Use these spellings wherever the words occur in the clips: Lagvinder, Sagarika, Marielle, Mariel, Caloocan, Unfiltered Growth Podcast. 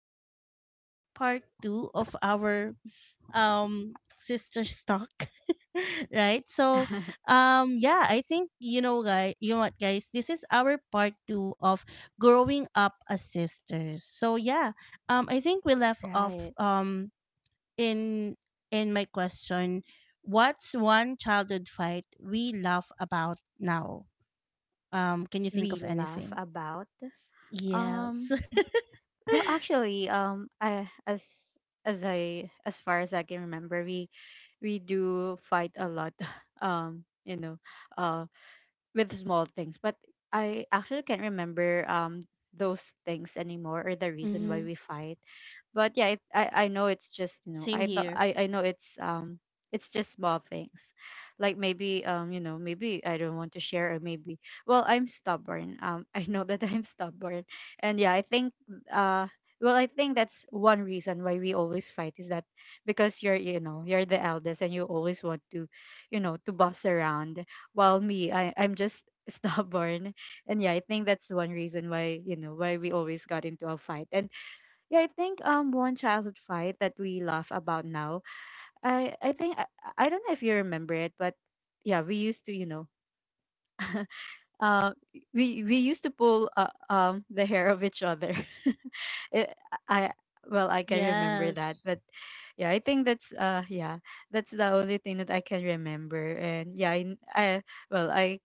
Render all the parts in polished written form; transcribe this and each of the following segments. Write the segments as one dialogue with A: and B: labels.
A: Rochelle, for our part two of our um, sister's talk. Right. So, yeah, I think, you know, guys, you know what, guys, this is our part two of growing up as sisters. So, yeah, I think we left off.
B: Right.
A: In in my question, what's one childhood fight we laugh about now? Can you think
B: We
A: of
B: laugh
A: anything?
B: about um
A: Yes.
B: well actually, I as I as far as I can remember, we do fight a lot um you know uh with small things, but I actually can't remember those things anymore, or the reason why
A: Mm-hmm.
B: we fight. But yeah, it, I know it's just, you know
A: Same
B: I thought
A: here.
B: I know it's just small things. Like maybe, you know, maybe I don't want to share, or maybe, well, I'm stubborn. I know that I'm stubborn. And yeah, I think, uh well, I think that's one reason why we always fight, is that because you're, you know, you're the eldest and you always want to, you know, to boss around, while me, I I'm just stubborn, and yeah, I think that's one reason why, you know, why we always got into a fight. And yeah, I think, one childhood fight that we laugh about now. I I think I, I don't know if you remember it, but yeah, we used to, you know, uh, we used to pull the hair of each other. It, I well I can remember that,
A: Yes.
B: but yeah, I think that's yeah, that's the only thing that I can remember. And yeah, I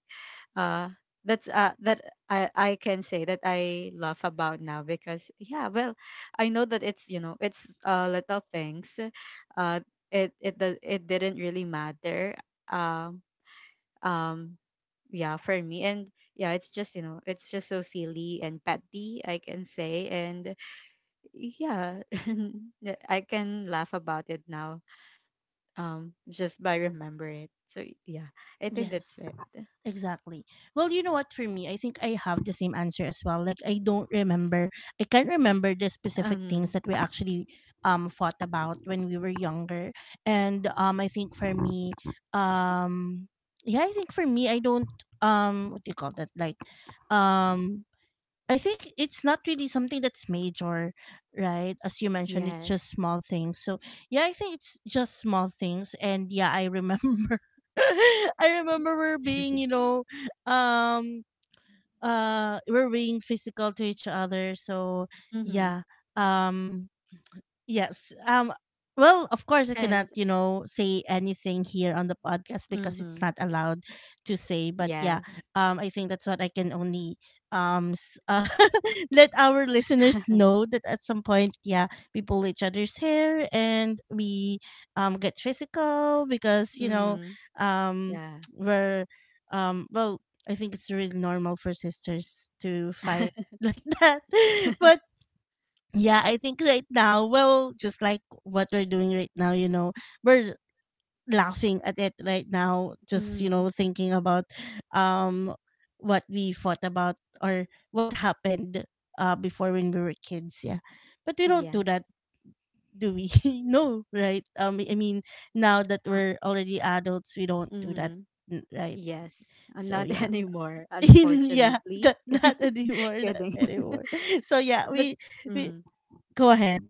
B: uh that's that I can say that I laugh about now, because yeah, well, I know that it's, you know, it's little things. uh it didn't really matter, um um yeah, for me. And yeah, it's just, you know, it's just so silly and petty, I can say. And yeah, yeah, I can laugh about it now, just by remember it. So yeah, I think that's
A: Yes.
B: it.
A: Exactly. Well, you know what? For me, I think I have the same answer as well. Like I don't remember. I can't remember the specific things
B: um
A: that we actually fought about when we were younger. And I think for me, um, yeah, I think for me, I don't what do you call that? Um, I think it's not really something that's major, right? As you mentioned, it's just
B: yes.
A: small things. So yeah, I think it's just small things. And yeah, I remember, I remember we're being, you know, um, we're being physical to each other. So
B: Mm-hmm.
A: yeah, um, yes. Well, of course I
B: And
A: cannot, you know, say anything here on the podcast because
B: mm-hmm.
A: it's not allowed to say, but yeah,
B: Yes.
A: I think that's what I can only um s- uh, let our listeners know that at some point, yeah, we pull each other's hair and we get physical because, you know,
B: Mm-hmm.
A: um
B: Yeah.
A: we're well, I think it's really normal for sisters to fight like that. But yeah, I think right now, well, just like what we're doing right now, you know, we're laughing at it right now, just, you
B: Mm-hmm.
A: know, thinking about um what we fought about or what happened before when we were kids, yeah. But we don't do that,
B: Yes.
A: do we? No, right? I mean, now that
B: Uh,
A: we're already adults, we don't do that,
B: mm-hmm.
A: right?
B: Yes.
A: So
B: Not
A: yeah.
B: anymore,
A: Yeah,
B: unfortunately.
A: that, not anymore, not
B: Kidding.
A: anymore. So yeah,
B: but
A: we
B: mm
A: go ahead.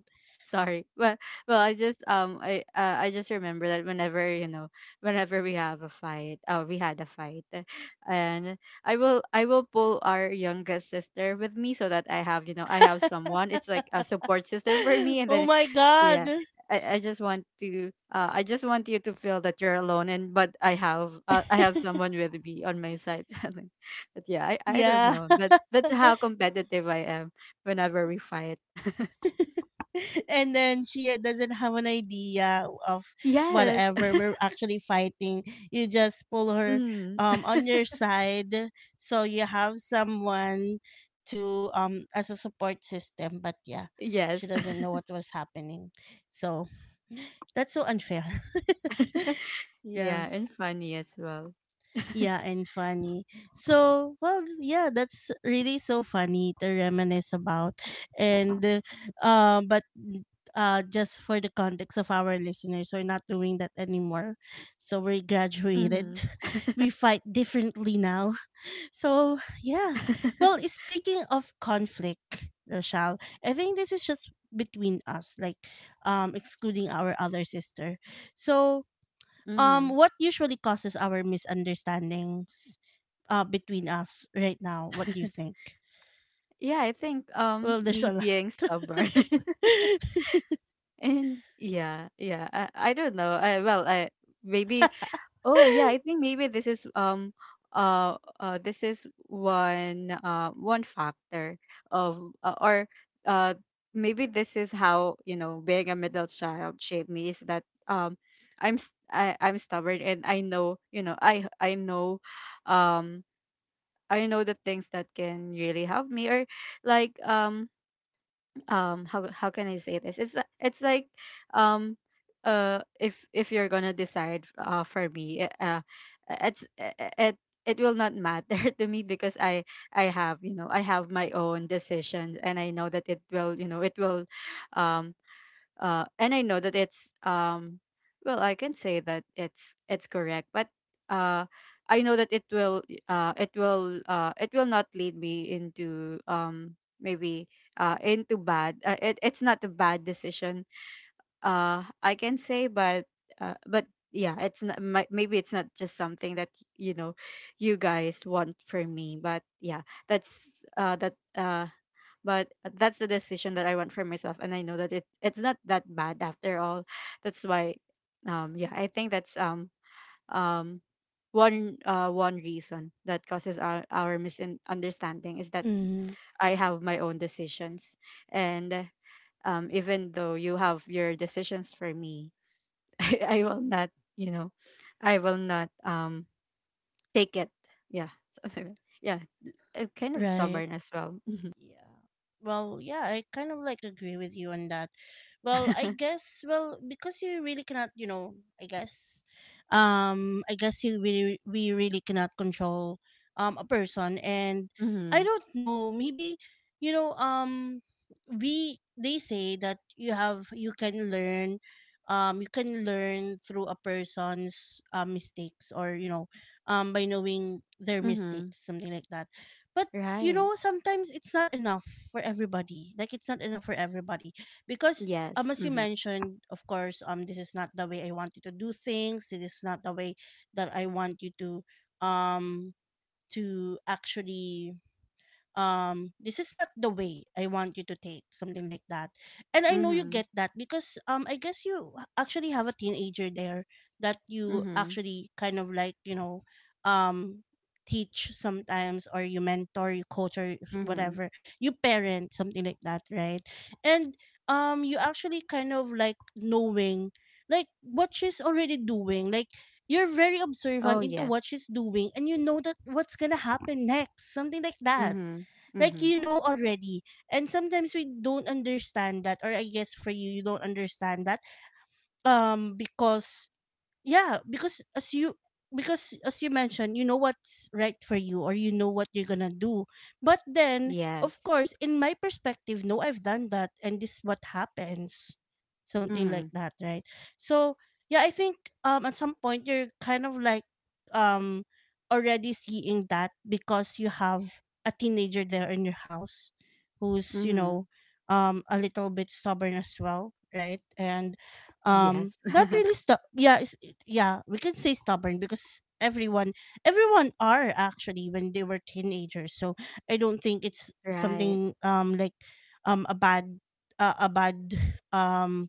B: Sorry. Well, I just I just remember that whenever, you know, whenever we have a fight, oh, we had a fight, and I will pull our youngest sister with me so that I have, you know, I have someone. It's like a support system for me, and
A: Oh
B: then,
A: my god.
B: yeah. I just want to I just want you to feel that you're alone, and but I have, I have someone with me on my side. Something. But yeah, I don't
A: Yeah.
B: know. But that's how competitive I am whenever we fight.
A: And then she doesn't have an idea of
B: Yes.
A: whatever we're actually fighting. You just pull her
B: Mm,
A: on your side so you have someone to as a support system, but yeah, she
B: yes.
A: doesn't know what was happening. So that's so unfair. Yeah.
B: Yeah, and funny as well.
A: Yeah, and funny. So, well, yeah, that's really so funny to reminisce about. And um, but mm, just for the context of our listeners, we're not doing that anymore. So we graduated.
B: Mhm.
A: We fight differently now. So, yeah. Well, speaking of conflict, Rochelle, I think this is just between us, like excluding our other sister. So,
B: Mhm.
A: what usually causes our misunderstandings between us right now. What do you think?
B: Yeah, I think,
A: Well, there's
B: me
A: a
B: being stubborn.
A: lot.
B: And yeah, yeah. I don't know. I well, I maybe Oh yeah, I think maybe this is one one factor of or uh maybe this is how, you know, being a middle child shaped me, is that I'm stubborn, and I know, you know, I know, um I know the things that can really help me, or like, how can I say this? It's like, um if you're gonna decide for me, it's uh, it it will not matter to me, because I have, you know, I have my own decisions, and I know that it will, you know, it will, um and I know that it's well, I can say that it's correct, but uh, I know that it will it will not lead me into, maybe into bad. It's not a bad decision, I can say, but uh, but yeah, it's not maybe it's not just something that, you know, you guys want for me, but yeah, that's but that's the decision that I want for myself, and I know that it's not that bad after all. That's why, yeah, I think that's um one one reason that causes our misunderstanding, is that
A: Mm,
B: I have my own decisions, and even though you have your decisions for me, I will not, you know, I will not take it. Yeah, something like- yeah, I'm kind of
A: right.
B: stubborn as well.
A: Yeah. Well, yeah, I kind of like agree with you on that. Well, I guess well because you really cannot, you know, I guess I guess you really we really cannot control a person and
B: Mm-hmm.
A: I don't know, maybe you know, we they say that you have you can learn through a person's mistakes or you know by knowing their
B: Mm-hmm.
A: mistakes something like that but you
B: Right.
A: know sometimes it's not enough for everybody like it's not enough for everybody because
B: Yes.
A: as you
B: Mhm.
A: mentioned of course this is not the way I want you to do things, it is not the way that I want you um to actually this is not the way I want you to take something like that and I know you
B: Mhm.
A: get that because I guess you actually have a teenager there that you
B: Mhm.
A: actually kind of like you know um teach sometimes or you mentor you coach or
B: Mhm.
A: whatever you parent something like that right and you actually kind of like knowing like what she's already doing like you're very
B: Oh,
A: observant into what
B: yes.
A: she's doing and you know that what's gonna happen next something like that
B: Mhm.
A: like
B: Mhm.
A: you know already and sometimes we don't understand that or I guess for you you don't understand that because yeah because as you mentioned you know what's right for you or you know what you're gonna do but then of
B: Yes.
A: course in my perspective no I've done that and this is what happens something like
B: Mhm.
A: that right so yeah I think at some point you're kind of like um already seeing that because you have a teenager there in your house who's you
B: Mhm.
A: know a little bit stubborn as well right and
B: Yes.
A: not really stu- yeah yeah, we can say stubborn because everyone are actually when they were teenagers. So I don't think it's
B: Right.
A: something a bad uh, a bad um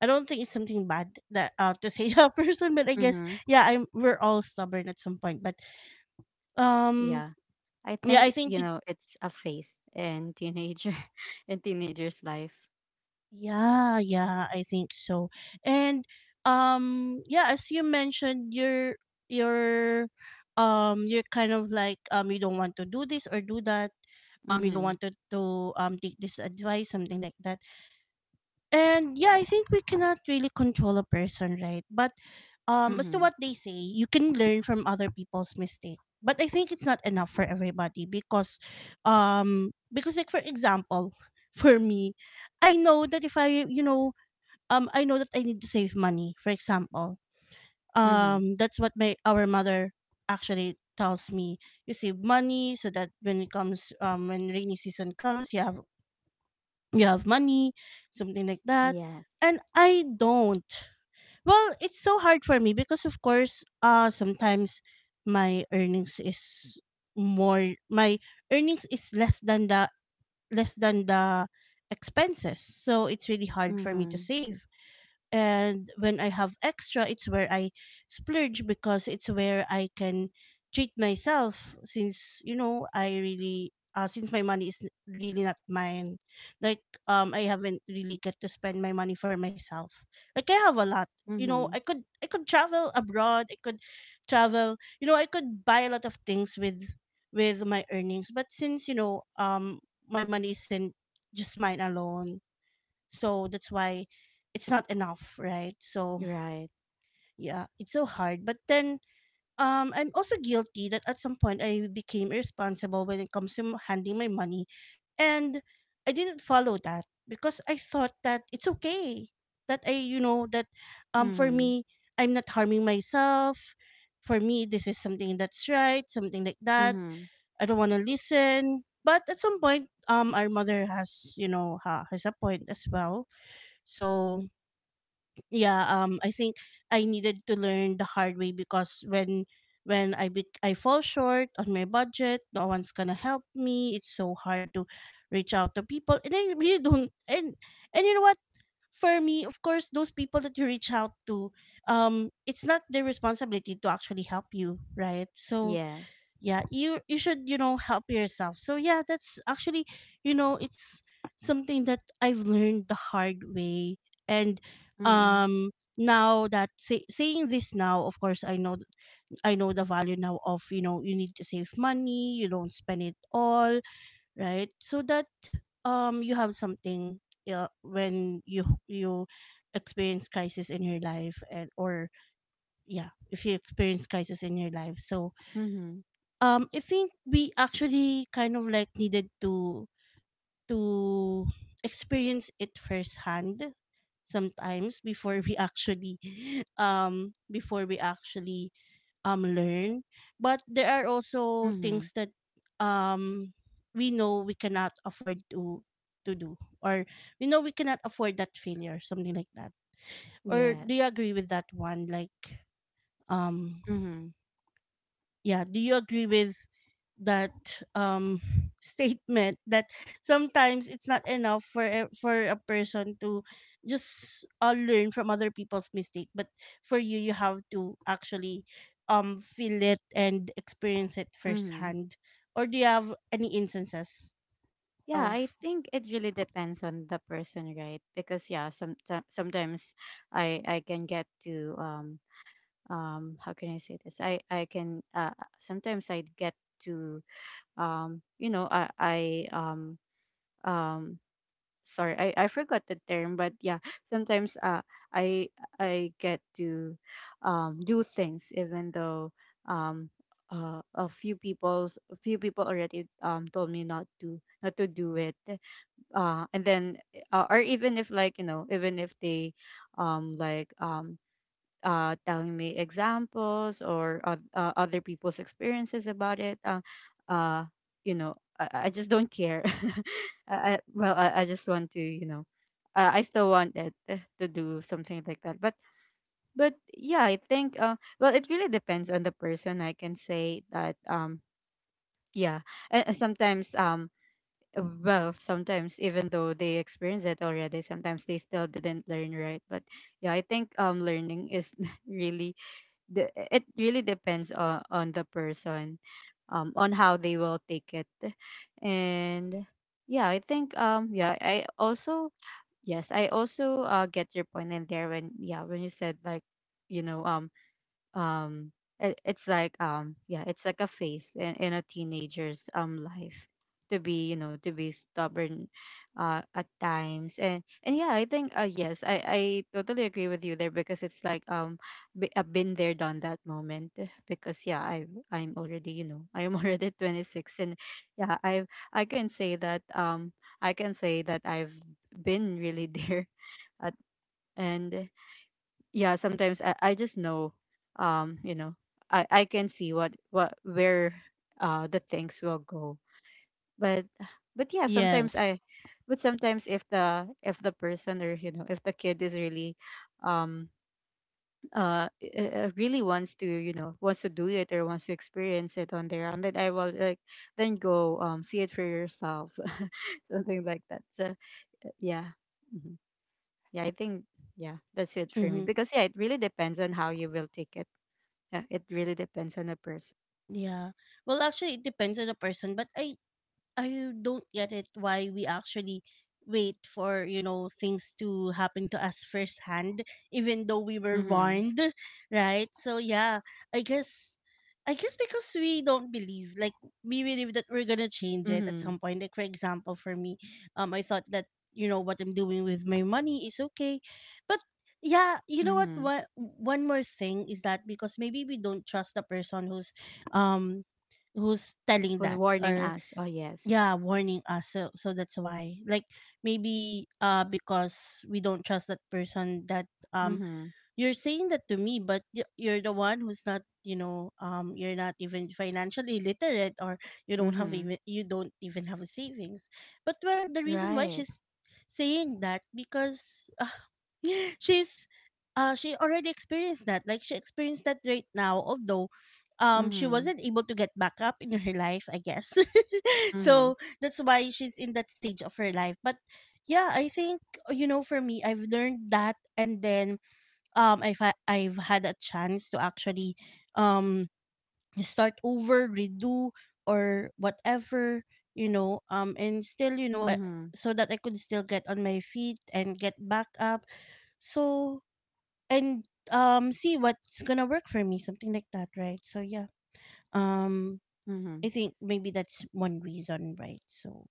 A: I don't think it's something bad that to say to a person, but I guess
B: Mhm.
A: yeah, I'm we're all stubborn at some point. But um
B: Yeah. I
A: yeah, I
B: think,
A: think
B: you
A: you
B: know, it's a phase in teenager, in teenager's life.
A: yeah, yeah, I think so. And yeah, as you mentioned, you're you're kind of like you don't want to do this or do that. You don't
B: Mhm.
A: want to take this advice, something like that. And yeah, I think we cannot really control a person, right? But as to
B: Mhm.
A: what they say, you can learn from other people's mistake. But I think it's not enough for everybody because like for example, for me, I know that if I, you know, I know that I need to save money. For example,
B: Mhm.
A: that's what my our mother actually tells me. You save money so that when it comes, when rainy season comes, you have money, something like that.
B: Yes.
A: And I don't. Well, it's so hard for me because of course, sometimes my earnings is my earnings is less than the expenses. So it's really hard for me to
B: Mhm.
A: save and when I have extra, it's where I splurge because it's where I can treat myself since you know I really since my money is really not mine. Like I haven't really get to spend my money for myself. Like I have a lot. You know,
B: Mhm.
A: I could travel abroad, I could travel you know, I could buy a lot of things with my earnings. But since, you know, my money isn't just mine alone so that's why it's not enough, right? So
B: Right.
A: yeah, it's so hard. But then I'm also guilty that at some point I became irresponsible when it comes to handling my money and I didn't follow that because I thought that it's okay that I you know that for
B: Mhm.
A: me I'm not harming myself. For me this is something that's right, something like that.
B: Mhm.
A: I don't want to listen. But at some point our mother has, you know, has a point as well. So yeah I think I needed to learn the hard way because when I fall short on my budget no one's gonna help me, it's so hard to reach out to people and I really don't and you know what for me of course those people that you reach out to it's not their responsibility to actually help you right so
B: Yes.
A: yeah you should you know help yourself so yeah that's actually you know it's something that I've learned the hard way and
B: Mhm.
A: um now that saying this now of course I know the value now of you know you need to save money you don't spend it all right so that you have something yeah, when you experience crisis in your life and or yeah if you experience crisis in your life so
B: Mhm.
A: I think we actually kind of like needed to experience it firsthand sometimes before we actually before we actually learn but there are also
B: Mhm.
A: things that um we know we cannot afford to do or we know we cannot afford that failure something like that or do you
B: Yes.
A: agree with that one like um
B: Mhm.
A: yeah do you agree with that statement that sometimes it's not enough for a person to just learn from other people's mistake but for you you have to actually feel it and experience it
B: Mhm.
A: firsthand or do you have any instances
B: Yeah, I
A: of
B: think it really depends on the person, right? Because yeah, sometimes I can get to, how can I say this? I can, sometimes I get to, you know I um um sorry, I forgot the term, but yeah, sometimes, I I get to, do things, even though, um a few people's a few people already told me not to, not to do it, and then, or even if, like, you know, even if they, um like um telling me examples, or other people's experiences about it, uh you know, I just don't care. I just want to, you know, I still want it, to do something like that, but yeah, I think, well, it really depends on the person, I can say that. Yeah. And sometimes, well, sometimes even though they experience it already, sometimes they still didn't learn, right? But yeah, I think, learning is really, the it really depends on the person, on how they will take it. And yeah, I think, yeah I also yes, I also, get your point in there, when, yeah, when you said like, you know, um it, it's like yeah, it's like a phase in a teenager's life, to be, you know, to be stubborn at times. And yeah, I think, yes, I totally agree with you there, because it's like, I've been there, done that moment, because yeah, I'm already, you know, I am already 26, and yeah, I can say that, I've been really there, at and yeah, sometimes I just know, you know, I can see what where the things will go, but but yeah, sometimes I
A: yes.
B: but sometimes if the, if the person, or, you know, if the kid is really, um really wants to, you know, wants to do it or wants to experience it on their own, then I will like, then go see it for yourself. Something like that. So yeah. Mhm. Yeah, I think, yeah, that's it for me,
A: Mm-hmm.
B: because yeah, it really depends on how you will take it. Yeah, it really depends on the person.
A: Yeah. Well, actually, it depends on the person, but I don't get it why we actually wait for you know things to happen to us firsthand, even though we were
B: Mm-hmm.
A: warned, right? So yeah, I guess. I guess because we don't believe, like we believe that we're gonna change it at
B: Mm-hmm.
A: some point. Like for example, for me, I thought that you know what I'm doing with my money is okay, but yeah, you know what?
B: Mm-hmm.
A: One more thing is that because maybe we don't trust the person who's, um, who's telling
B: Who's
A: that,
B: warning
A: or
B: us? Oh yes.
A: yeah, warning us. So that's why, like maybe because we don't trust that person. That um
B: Mm-hmm.
A: you're saying that to me, but you're the one who's not, you're not even financially literate, or you don't have
B: Mm-hmm.
A: even you don't even have a savings. But well, the reason why
B: Right.
A: she's saying that, because she's she already experienced that, like she experienced that right now. Although she
B: Mm-hmm.
A: wasn't able to get back up in her life, I guess.
B: Mm-hmm.
A: So that's why she's in that stage of her life. But yeah, I think you know, for me, I've learned that. And then I've I've had a chance to actually um start over, redo, or whatever, and still, I,
B: Mm-hmm.
A: so that I could still get on my feet and get back up. So and see what's going to work for me, something like that, right? So yeah. Um
B: Mm-hmm.
A: I think maybe that's one reason, right? So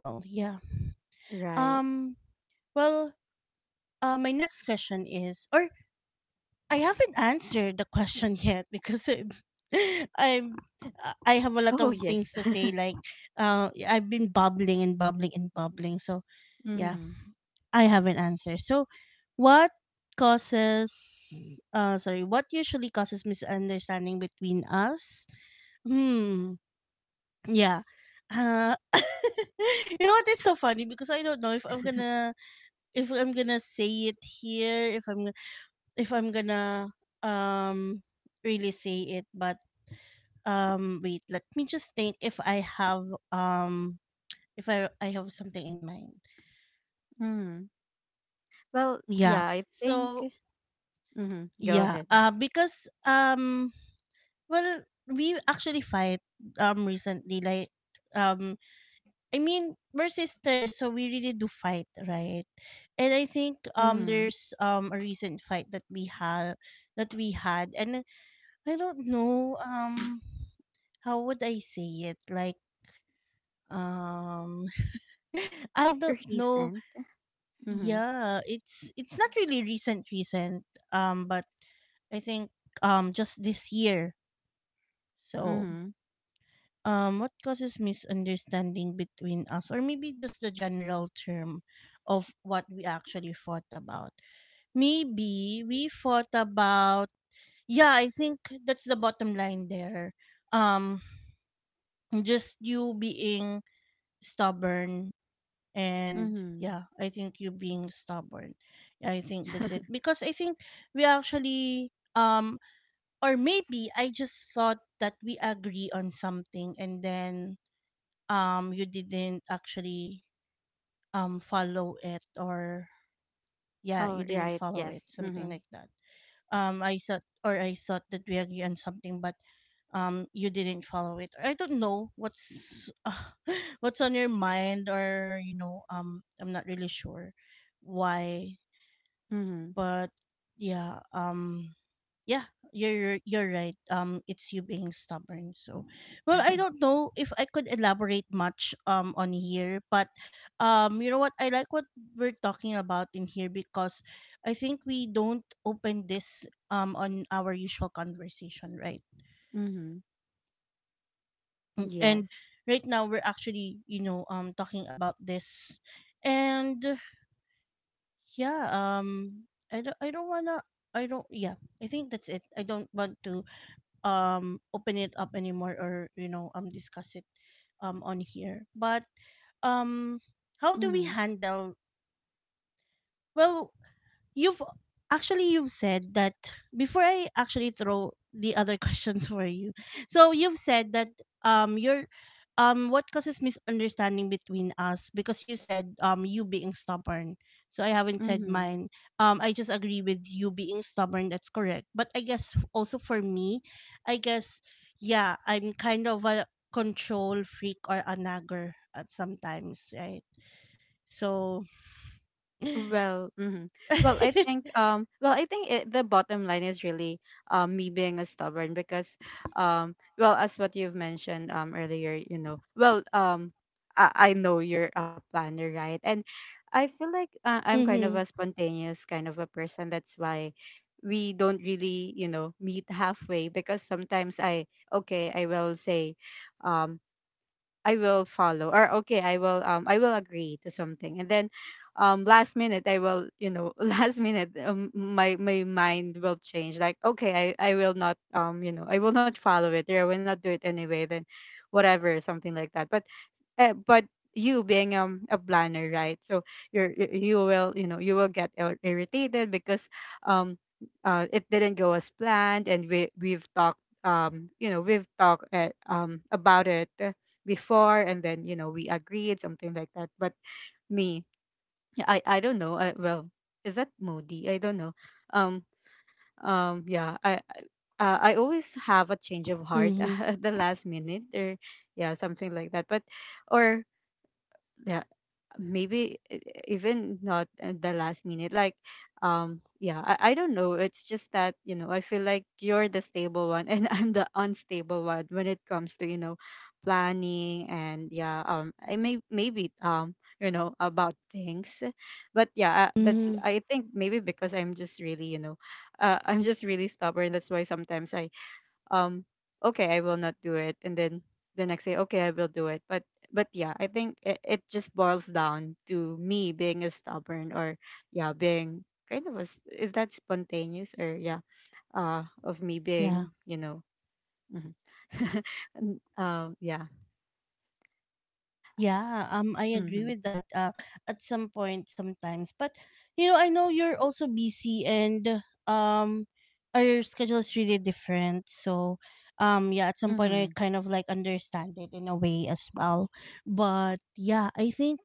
A: well, yeah.
B: Right.
A: Um well, my next question is, or I haven't answered the question yet, because I'm, I'm I have a lot
B: Oh
A: of
B: yes.
A: things to say. Like, I've been bubbling and bubbling and bubbling. So, yeah,
B: Mm-hmm.
A: I haven't answered. So, what causes? Sorry, what usually causes misunderstanding between us? Hmm. Yeah. You know what? It's so funny because I don't know if I'm gonna say it here. If I'm gonna um really say it, but wait, let me just think if I have if I have something in mind.
B: Mm-hmm. Well,
A: Yeah.
B: yeah, I think,
A: So
B: mm-hmm. Go
A: yeah,
B: ahead.
A: because well, we actually fight recently, like um I mean, we're sisters, so we really do fight, right? And I think
B: Mm-hmm.
A: there's a recent fight that we had and I don't know how would I say it? Like, um, I don't know.
B: Recent. Mm-hmm.
A: Yeah, it's not really recent, recent. But I think just this year. So,
B: Mm-hmm.
A: what causes misunderstanding between us, or maybe just the general term of what we actually fought about? Maybe we fought about. Yeah, I think that's the bottom line there. Um, just you being stubborn. And
B: Mm-hmm.
A: yeah, I think you being stubborn. Yeah, I think that's it, because I think we actually or maybe I just thought that we agree on something, and then you didn't actually follow it, or yeah, you
B: Oh
A: didn't
B: right,
A: follow it,
B: yes.
A: something
B: Mm-hmm.
A: like that. I thought, or I thought that we agree on something, but you didn't follow it. I don't know what's what's on your mind, or you know, I'm not really sure why.
B: Mm-hmm.
A: But yeah, yeah, you're right. It's you being stubborn. So, well, I don't know if I could elaborate much on here, but you know what? I like what we're talking about in here, because I think we don't open this on our usual conversation, right?
B: Mm-hmm.
A: Mm. And
B: Yes.
A: right now we're actually, talking about this, and yeah, I don't wanna I don't yeah. I think that's it. I don't want to open it up anymore, or you know, discuss it on here. But um how do we
B: Mm-hmm.
A: handle, well, you've actually you've said that before I actually throw the other questions for you. So you've said that you're what causes misunderstanding between us, because you said you being stubborn. So I haven't said
B: Mm-hmm.
A: mine. I just agree with you being stubborn, that's correct. But I guess also for me, I guess yeah, I'm kind of a control freak or a nagger at sometimes, right? So
B: Well, mhm. Well, I think, well, I think it, the bottom line is really, me being a stubborn, because, well, as what you've mentioned earlier, you know. Well, I know you're a planner, right? And I feel like, I'm kind of a
A: mhm,
B: spontaneous kind of a person. That's why we don't really, you know, meet halfway, because sometimes I, okay, I will say, um I will follow, or okay, I will, I will agree to something. And then, last minute I will, you know, last minute, my mind will change, like, okay, I will not, you know, I will not follow it, or I will not do it anyway, then whatever, something like that. But uh, but you being a planner, right? So you're you will, you will get irritated because um it didn't go as planned. And we've talked, we've talked about it before, and then we agreed something like that. But me, yeah, I don't know. I, well, is that moody? I don't know. um yeah, I always have a change of heart
A: mhm,
B: at the last minute. Or yeah, something like that. But or yeah, maybe even not at the last minute, like yeah, I don't know. It's just that, you know, I feel like you're the stable one and I'm the unstable one when it comes to, you know, planning. And yeah, I maybe you know, about things. But yeah, that's,
A: mhm.
B: I think, maybe because I'm just really, you know, I'm just really stubborn. That's why sometimes I um okay, I will not do it, and then the next day, okay, I will do it. But yeah, I think it just boils down to me being a stubborn. Or yeah, being kind of a, is that spontaneous, or yeah, of me
A: Yeah.
B: being, you know. Mhm. Yeah.
A: Yeah, I agree
B: Mm-hmm.
A: with that. At some point, sometimes, but you know, I know you're also busy, and our schedule is really different. So, yeah, at some point, I
B: Mm-hmm.
A: kind of like understand it in a way as well. But yeah, I think,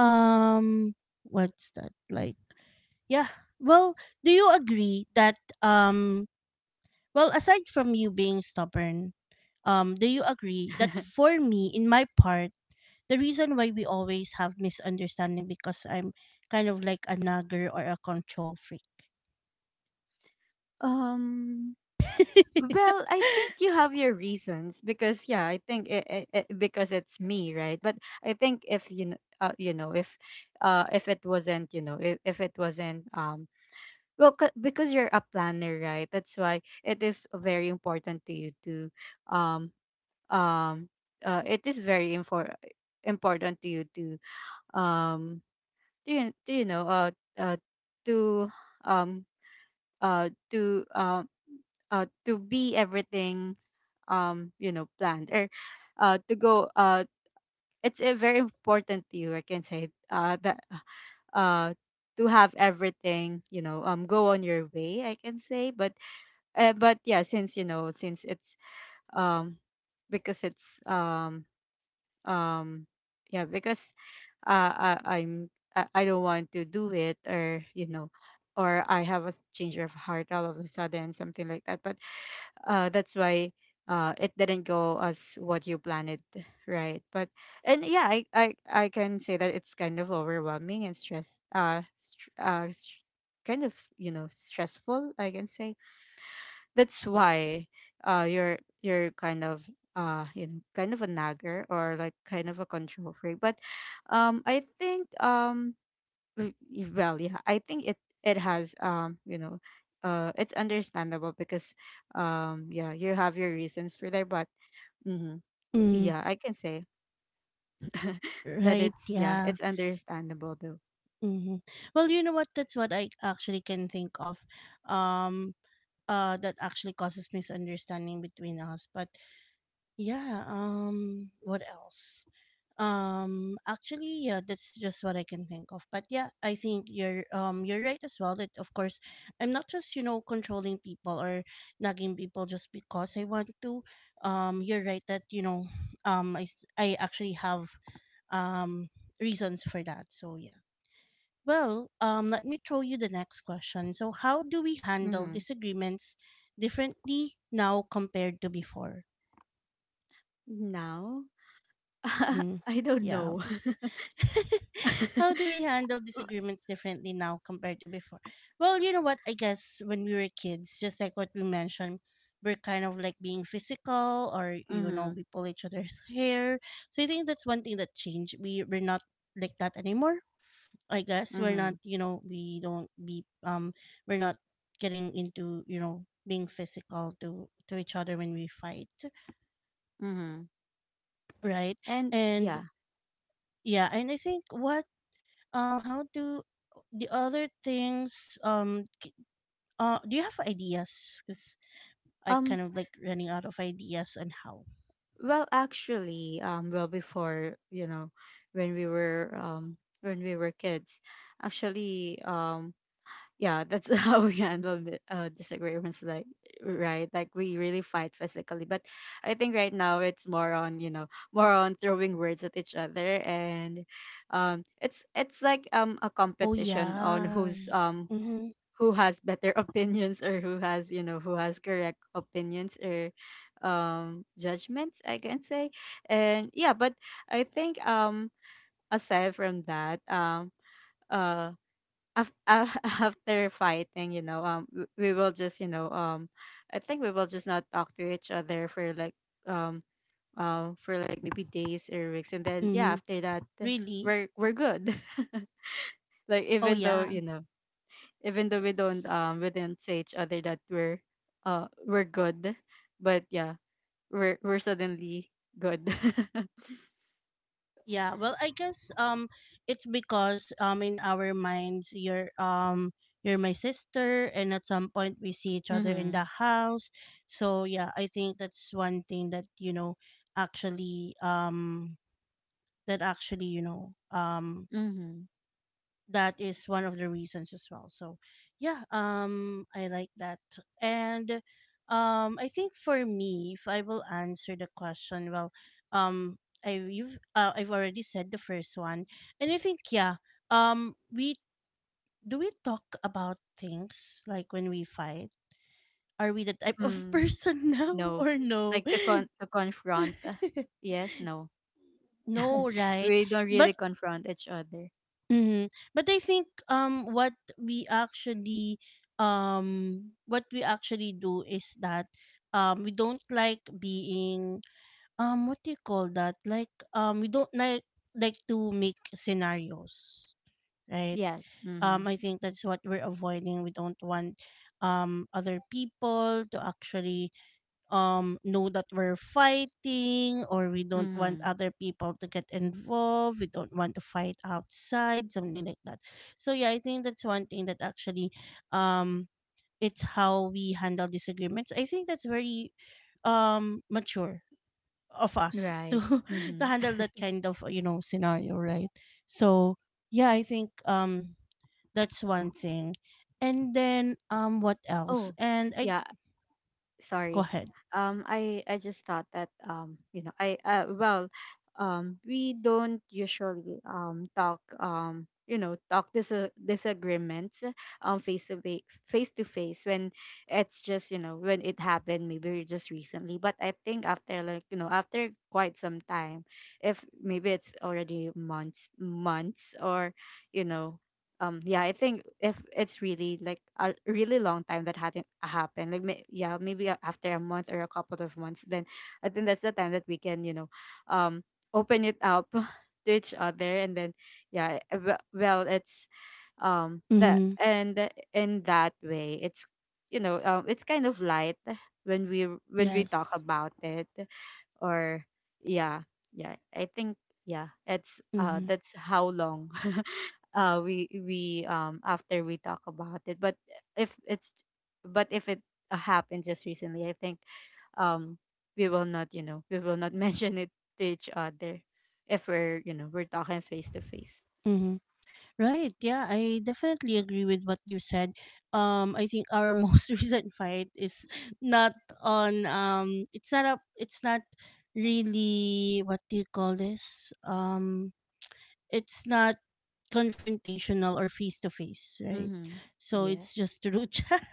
A: um, what's that like? Yeah. Well, do you agree that um well, aside from you being stubborn, do you agree that for me, in my part, the reason why we always have misunderstanding because I'm kind of like a nagger or a control freak.
B: um Well, I think you have your reasons because yeah, I think because it's me, right? But I think if you you know, if it wasn't, you know, if it wasn't well, because you're a planner, right? That's why it is very important to you to um um it is very important to you um to, to, you know, uh to um uh to um to be everything you know, planned, or to go. It's a very important to you, I can say, that uh to have everything, you know, go on your way, I can say. But but yeah, since, you know, since it's um because it's um yeah, because I'm, I don't want to do it, or you know, or I have a change of heart all of a sudden, something like that. But that's why it didn't go as what you planned it, right? But and yeah, I, I can say that it's kind of overwhelming and stress, str str kind of, you know, stressful, I can say. That's why you're kind of you know, kind of a nagger, or like kind of a control freak. But I think mm, well yeah, I think it, it has you know, it's understandable because yeah, you have your reasons for that. But hmm,
A: Mm,
B: yeah, I can say that
A: right?
B: it's, yeah,
A: Yeah.
B: it's understandable though.
A: Hmm. Well, you know what? That's what I actually can think of. Um. That actually causes misunderstanding between us. But yeah. What else? Actually, yeah, that's just what I can think of, but yeah, I think you're right as well, that of course I'm not just, you know, controlling people or nagging people just because I want to. You're right that you know, I actually have um reasons for that. So yeah, well, let me throw you the next question. So how do we handle
B: Mm-hmm.
A: disagreements differently now compared to before?
B: Now.
A: Hmm.
B: I don't
A: Yeah. How
B: know.
A: do. How do we handle disagreements differently now compared to before? Well, you know what? I guess when we were kids, just like what we mentioned, we're kind of like being physical, or, you know,
B: Mm-hmm.
A: we pull each other's hair. So I think that's one thing that changed. We're not like that anymore. I guess we're
B: Mm-hmm.
A: not, you know, we don't be, we're not getting into, you know, being physical to each other when we fight,
B: Mm-hmm.
A: right?
B: And
A: And
B: yeah.
A: yeah, and I think what how do the other things do you have ideas, because I
B: Um,
A: kind of like running out of ideas on how.
B: well actually, well before, you know, when we were kids, actually, yeah, that's how we handle the, disagreements, like right, like we really fight physically. But I think right now it's more on, you know, more on throwing words at each other. And it's like a
A: Oh
B: competition on
A: yeah.
B: who's
A: Mm-hmm.
B: who has better opinions, or who has, you know, who has correct opinions, or judgments, I can say. And yeah, but I think aside from that, uh af- af- after fighting, you know, we will just, you know, I think we will just not talk to each other um for like maybe days or weeks, and then yeah,
A: Mm-hmm.
B: after that,
A: Really.
B: we're good. Like
A: Oh
B: even though,
A: yeah.
B: you know, even though we don't
A: Yes.
B: we didn't say each other that we're good, but yeah, we're suddenly good.
A: Yeah, well, I guess it's because in our minds, you're my sister, and at some point we see each other in
B: Mm-hmm.
A: the house. So yeah, I think that's one thing that you know actually that actually, you know,
B: Mm-hmm.
A: that is one of the reasons as well. So yeah, I like that. And I think for me, if I will answer the question, well, um I you've I've already said the first one. And I think yeah, we, do we talk about things, like when we fight are we the type of
B: Mm.
A: person now
B: No,
A: or no?
B: like to con to confront, yes, no.
A: No, right?
B: We don't
A: But
B: really confront each other.
A: mm-hmm. But I think what we actually do is that we don't like being what do you call that, like we don't like to make scenarios, right?
B: Yes. Mm-hmm.
A: I think that's what we're avoiding. We don't want other people to actually know that we're fighting, or we don't want
B: Mm-hmm.
A: other people to get involved, we don't want to fight outside, something like that. So yeah, I think that's one thing that actually um it's how we handle disagreements. I think that's very mature of us
B: Right. Mm-hmm.
A: to handle that kind of, you know, scenario, right? So yeah, I think that's one thing. And then what else,
B: Oh,
A: and I,
B: yeah.
A: go
B: Sorry.
A: ahead.
B: I just thought that you know, I well, we don't usually talk, you know, talk disagreements um face to face face to face when it's just, you know, when it happened maybe just recently. But I think after like, you know, after quite some time, if maybe it's already months, or you know, yeah, I think if it's really like a really long time that hadn't happened, like yeah, maybe after a month or a couple of months, then I think that's the time that we can, you know, um open it up to each other. And then yeah, well, it's that,
A: Mm-hmm.
B: and in that way, it's, you know, it's kind of light when we, when we talk
A: Yes.
B: about it. Or yeah. Yeah, I think, yeah, it's
A: Mm-hmm.
B: that's how long we after we talk about it. But if it's, but if it happened just recently, I think um we will not, you know, we will not mention it to each other if we're, you know, we're talking face to face.
A: Mm-hmm. Right. Yeah, I definitely agree with what you said. I think our most recent fight is not on it's not up it's not really what do you call this? It's not confrontational or face to face, right?
B: Mhm.
A: So it's
B: Yes.
A: just through chat.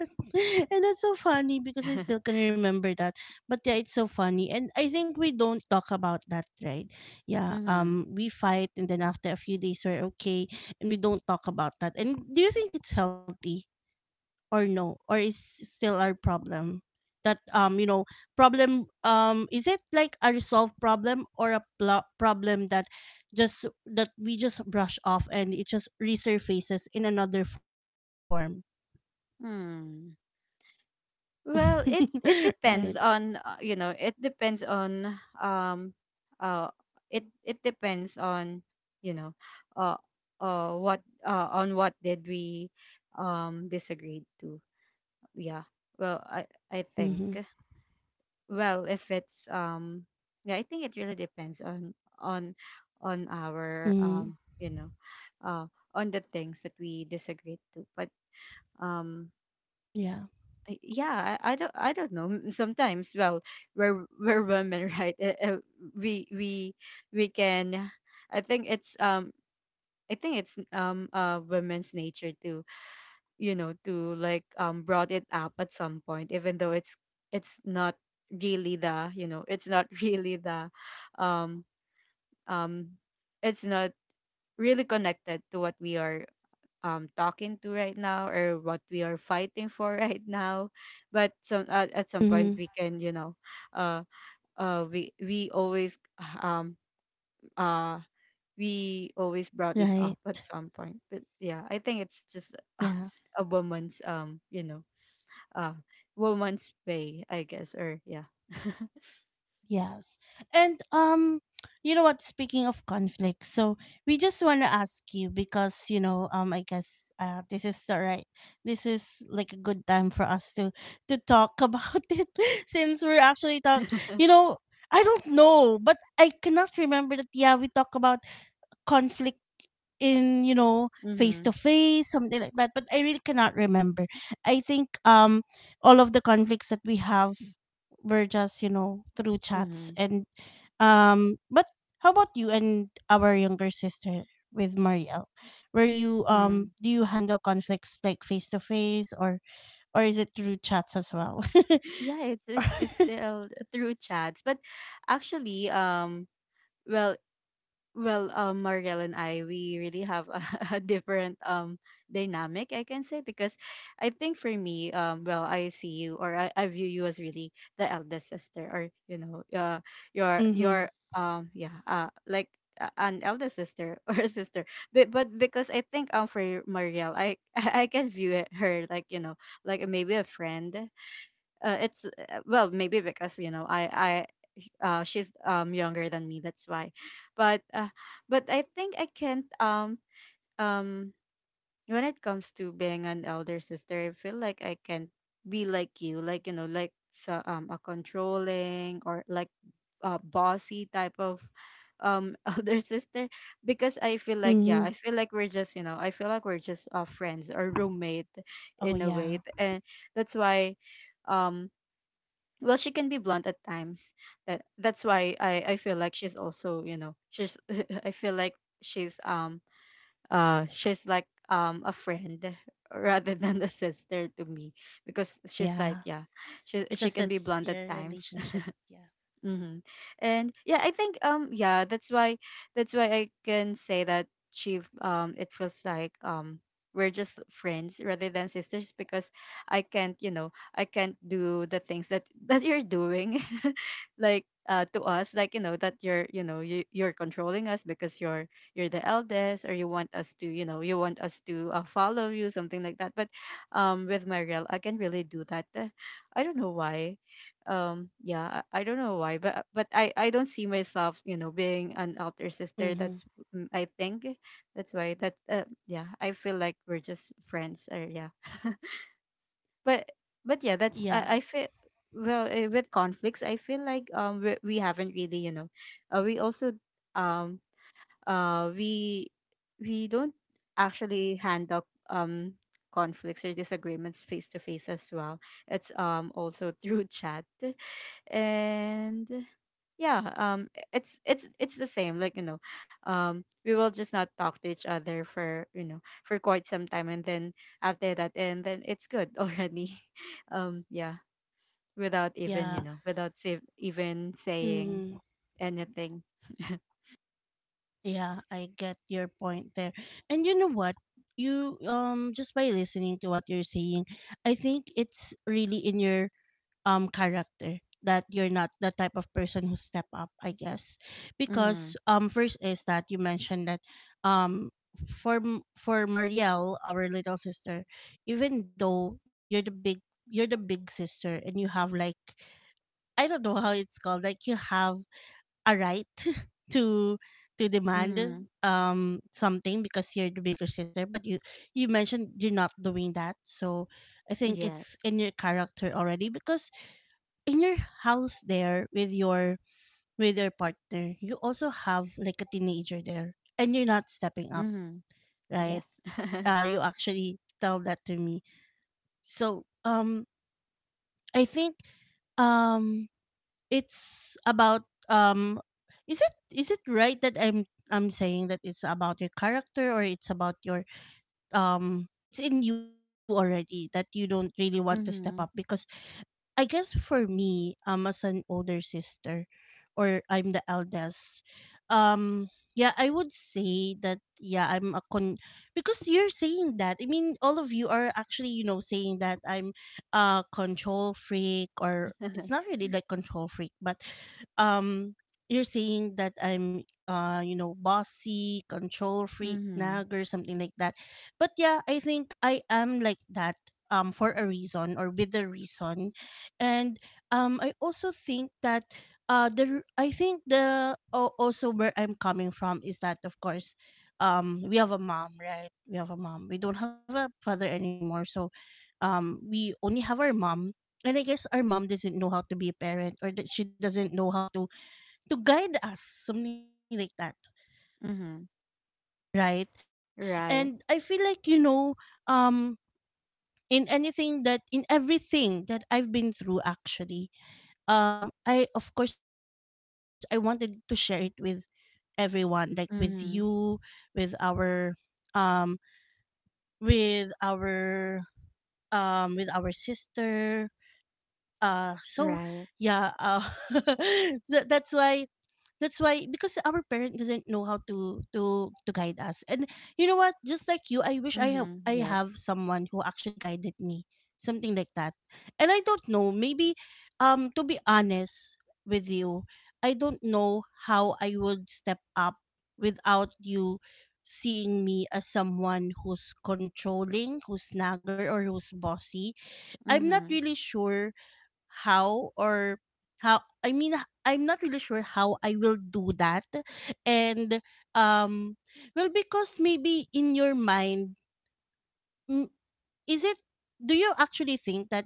A: And that's so funny because I still can remember that. But yeah, it's so funny. And I think we don't talk about that, right? Yeah.
B: Mhm.
A: We fight and then after a few days we're okay, and we don't talk about that. And do you think it's healthy, or no, or is still our problem that you know, problem is it like a resolved problem, or a problem that just that we just brush off and it just resurfaces in another form?
B: Hmm. Well, it
A: Right.
B: depends on, you know, it depends on uh it, it depends on, you know, uh what on what did we disagree to. Yeah, well, I think,
A: Mm-hmm.
B: well, if it's yeah, I think it really depends on,
A: Mm-hmm.
B: on our you know, uh on the things that we disagreed to. But um
A: Yeah.
B: yeah, I don't, I don't know. Sometimes, well, we're we're women, right? We we can, I think it's I think it's women's nature to, you know, to like brought it up at some point, even though it's not really the, you know, it's not really the um um it's not really connected to what we are talking to right now, or what we are fighting for right now. But some, at some
A: Mm-hmm.
B: point we can, you know, uh we always um uh we always brought it
A: Right.
B: up at some point. But yeah, I think it's just
A: Yeah.
B: a woman's, you know, uh woman's way, I guess. Or yeah.
A: Yes. And you know what, speaking of conflict, so we just want to ask you because you know, I guess this is the this is like a good time for us to talk about it since we're actually talk you know I don't know, but I cannot remember that, yeah, we talk about conflict in you know face
B: Mm-hmm.
A: to face something like that, but I really cannot remember. I think all of the conflicts that we have were just you know through chats
B: Mm-hmm.
A: and but how about you and our younger sister with Marielle, were you
B: Mm.
A: do you handle conflicts like face to face or is it through chats as well?
B: Yeah, it's still through chats. But actually, well, well, Mariel and I, we really have a, a different dynamic, I can say, because I think for me, well, I see you, or I view you as really the eldest sister, or you know, your
A: Mhm,
B: yeah, like an eldest sister or a sister. But because I think for Mariel, I I can view it, her like, you know, like maybe a friend. It's well, maybe because, you know, I she's younger than me, that's why. But but I think I can't, um when it comes to being an elder sister, I feel like I can't be like you, like you know, like so, a controlling, or like a bossy type of elder sister, because I feel like yeah, I
A: mhm.
B: feel like we're just, you know, I feel like we're just, friends or roommate
A: Oh,
B: in a way.
A: yeah,
B: And that's why um well, she can be blunt at times, that, that's why I feel like she's also, you know, she's I feel like she's um she's like a friend rather than a sister to me, because she's like
A: yeah.
B: yeah, she
A: Because
B: can be
A: that's
B: blunt at
A: your
B: times.
A: relationship. Yeah.
B: Mm-hmm. And yeah, I think yeah, that's why, that's why I can say that she it feels like we're just friends rather than sisters, because I can't, you know, I can't do the things that that you're doing like to us, like you know, that you're, you know, you, you're controlling us because you're the eldest, or you want us to, you know, you want us to, follow you, something like that. But with Mariel I can really do that. I don't know why, yeah, I I don't know why. But but I don't see myself, you know, being an elder sister.
A: Mhm.
B: That's, mm, I think that's why, that, yeah, I feel like we're just friends, or yeah. but but yeah, that's,
A: Yeah,
B: I feel, well, with conflicts I feel like we haven't really, you know, we also um uh we we don't actually handle conflicts or disagreements face to face as well. It's also through chat. And yeah, it's the same like, you know, we will just not talk to each other for, you know, for quite some time, and then after that, and then it's good already. Yeah, without
A: yeah.
B: even, you know, without even saying
A: Mhm.
B: anything.
A: Yeah, I get your point there. And you know what? You, just by listening to what you're saying, I think it's really in your character that you're not the type of person who step up, I guess.
B: Hmm.
A: Because first is that you mentioned that um for for Marielle, our little sister, even though you're the big sister and you have like I don't know how it's called, like you have a right to to demand
B: Hmm.
A: something because you're the bigger sister, but you mentioned you're not doing that, so I think it's
B: Yes.
A: in your character already because in your house there with your partner you also have like a teenager there and you're not stepping up,
B: Hmm.
A: right?
B: Yes.
A: You actually tell that to me, so um, I think um it's about is it right that I'm saying that it's about your character, or it's about your it's in you already that you don't really want to step up? Because
B: Mm-hmm.
A: I guess for me, as an older sister, or I'm the eldest, um, yeah, I would say that, yeah, I'm a con, because you're saying that. I mean, all of you are actually you know saying that I'm a control freak, or it's not really like control freak, but um, you're saying that I'm you know, bossy, control freak,
B: Hmm.
A: nagger, something like that. But yeah, I think I am like that for a reason or with a reason, and I also think that the r- I think the al- also where I'm coming from is that of course we have a mom, right? We have a mom, we don't have a father anymore, so we only have our mom. And I guess our mom doesn't know how to be a parent, or that she doesn't know how to guide us, something like that,
B: Hmm.
A: right?
B: Right.
A: And I feel like, you know, um in everything that I've been through, actually, I, of course I wanted to share it with everyone, like with you,
B: Hmm.
A: with our um with our with our sister, so
B: Right.
A: yeah, so that's why, that's why, because our parent doesn't know how to to guide us. And you know what, just like you, I wish I have,
B: Hmm.
A: I have
B: Yes.
A: someone who actually guided me, something like that. And I don't know, maybe to be honest with you, I don't know how I would step up without you seeing me as someone who's controlling, who's nagger, or who's bossy. I'm not
B: Hmm.
A: really sure how, or how I mean, I'm not really sure how I will do that. And um well, because maybe in your mind, mm, is it, do you actually think that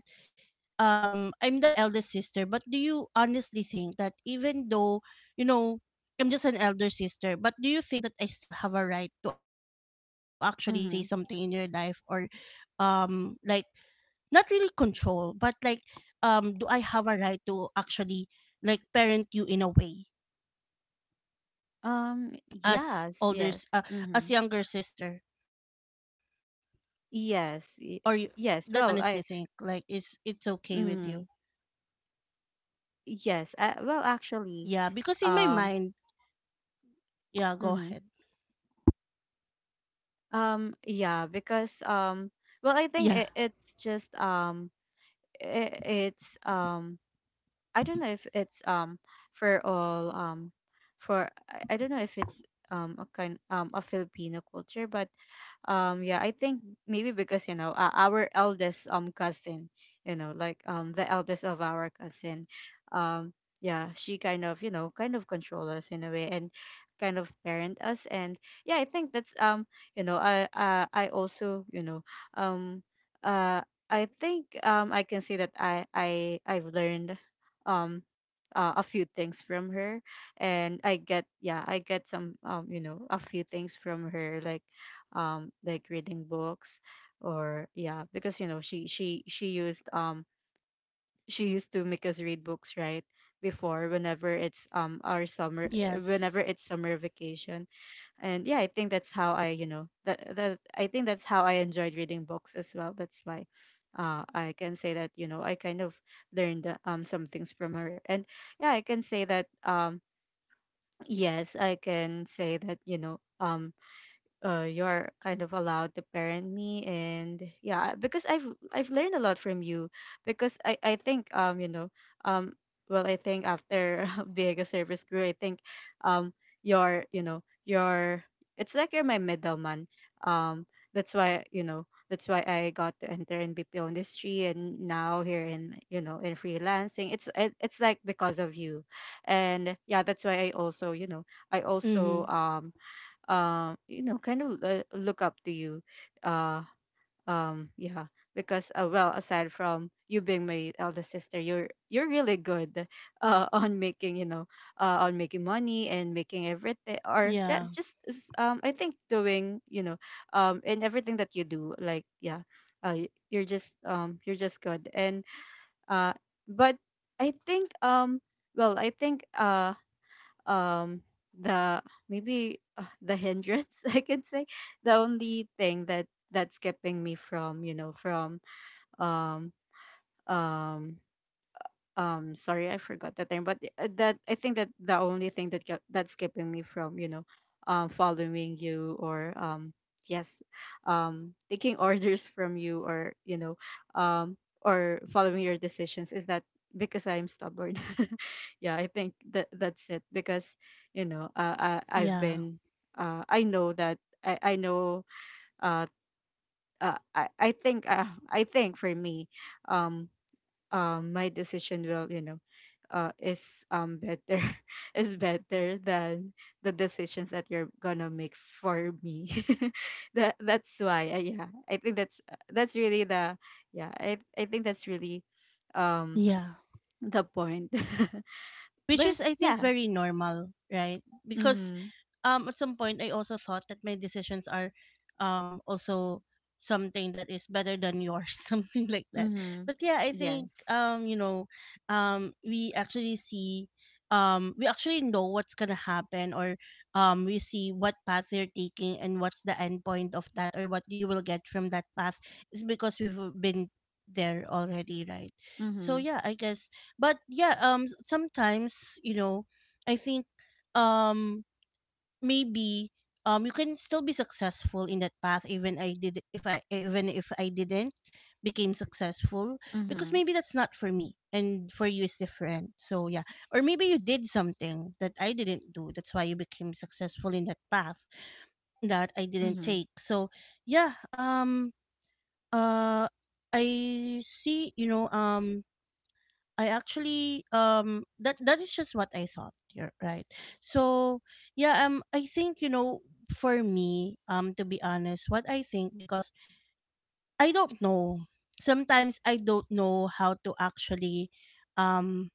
A: I'm the eldest sister, but do you honestly think that even though, you know, I'm just an elder sister, but do you think that I still have a right to actually say something in your life,
B: Hmm.
A: or like, not really control, but like, do I have a right to actually like parent you in a way as older
B: Yes, yes.
A: as younger
B: Mm-hmm.
A: sister, or you, that's
B: Yes.
A: what you honestly think?
B: Yes.
A: Like,
B: Well, I,
A: it's okay with you.
B: mm, yes. Well,
A: Yeah, because in my
B: actually,
A: mind,
B: um,
A: yeah, go ahead.
B: mm-hmm. Yeah, because
A: Yeah.
B: well, I think it's just, it, it's I don't know if it's for all, for I don't know if it's a kind, a Filipino culture, but yeah, I think maybe because you know our eldest cousin, the eldest of our cousin. um yeah, she kind of kind of control us in a way, and kind of parent us. And yeah, I think that's I also, um uh I think, I can say that I've learned, um a few things from her. And I get, yeah, I get some, a few things from her, like, like reading books. Or yeah, because she used to make us read books, right, before, whenever it's our summer, whenever
A: Yes.
B: it's summer vacation. And yeah, I think that's how I, you know that that I think that's how I enjoyed reading books as well, that's why I can say that, you know, I kind of learned some things from her. And yeah, I can say that, yes, I can say that, you're kind of allowed to parent me. And yeah, because I've learned a lot from you, because I think, um well, I think, after being a service crew, I think, um you're it's like you're my middleman. um that's why, you know, that's why I got to enter in BPO industry, and now here in, you know, in freelancing, it's like because of you. And yeah, that's why I also, you know, I also,
A: Mm-hmm.
B: you know, kind of look up to you. uh yeah, because well, aside from you being my eldest sister, you're really good on making, you know, on making money and making everything, or yeah,
A: Yeah.
B: just I think doing, you know, in everything that you do. Like yeah, you're just, you're just good. And uh but I think, I think, um the, maybe the hindrance, I could say, the only thing that, that's keeping me from, you know, from, um um sorry, I forgot the term, but that, I think that the only thing that that's keeping me from, you know, following you, or yes, taking orders from you, or, you know, um or following your decisions, is that, because I'm stubborn. Yeah, I think that's it. Because, you know, I've
A: Yeah.
B: been, I know that, I know, uh, I think, I think for me, um my decision will, you know, is better is better than the decisions that you're gonna make for me. That's why, yeah, I think that's, that's really the, yeah, I think that's really, um
A: Yeah.
B: the point.
A: Which
B: But
A: is I think
B: yeah.
A: very normal, right? Because
B: Mhm.
A: at some point I also thought that my decisions are also something that is better than yours, something like that.
B: Mhm.
A: But yeah, I think
B: Yes.
A: you know, we actually see we actually know what's gonna happen, or we see what path you're taking and what's the end point of that, or what you will get from that path, is because we've been there already, right? So
B: Mhm.
A: yeah, I guess, but yeah, sometimes, you know, I think um maybe you can still be successful in that path even I did if I even if I didn't became successful, because
B: Mhm.
A: maybe that's not for me, and for you is different, so yeah. Or maybe you did something that I didn't do, that's why you became successful in that path that I didn't
B: Mhm.
A: take, so yeah. Uh I see, you know, I actually that that is just what I thought. You're right. So yeah, I think, you know, for me, to be honest, what I think, because I don't know, sometimes I don't know how to actually um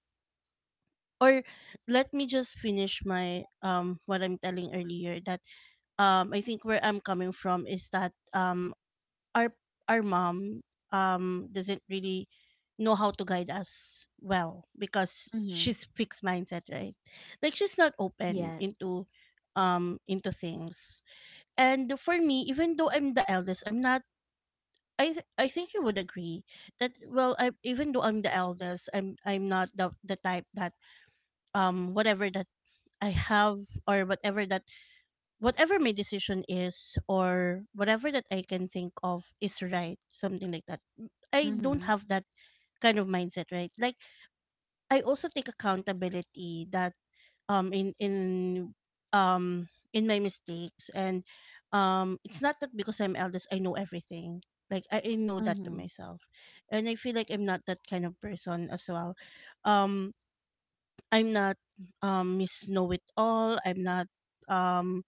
A: or let me just finish my what I'm telling earlier, that I think where I'm coming from is that our our mom doesn't really know how to guide us well, because
B: Mhm.
A: she's fixed mindset, right? Like, she's not open
B: Yeah.
A: into things. And for me, even though I'm the eldest, I'm not I th- I think you would agree that, well, I, even though I'm the eldest, I'm not the type that whatever that I have, or whatever that, whatever my decision is, or whatever that I can think of is right, something like that. I don't
B: Mhm.
A: have that kind of mindset, right? Like, I also take accountability that um in in um in my mistakes, and it's not that because I'm eldest I know everything. Like I know that to
B: Mhm.
A: myself. And I feel like I'm not that kind of person as well. Um I'm not miss know it all. I'm not um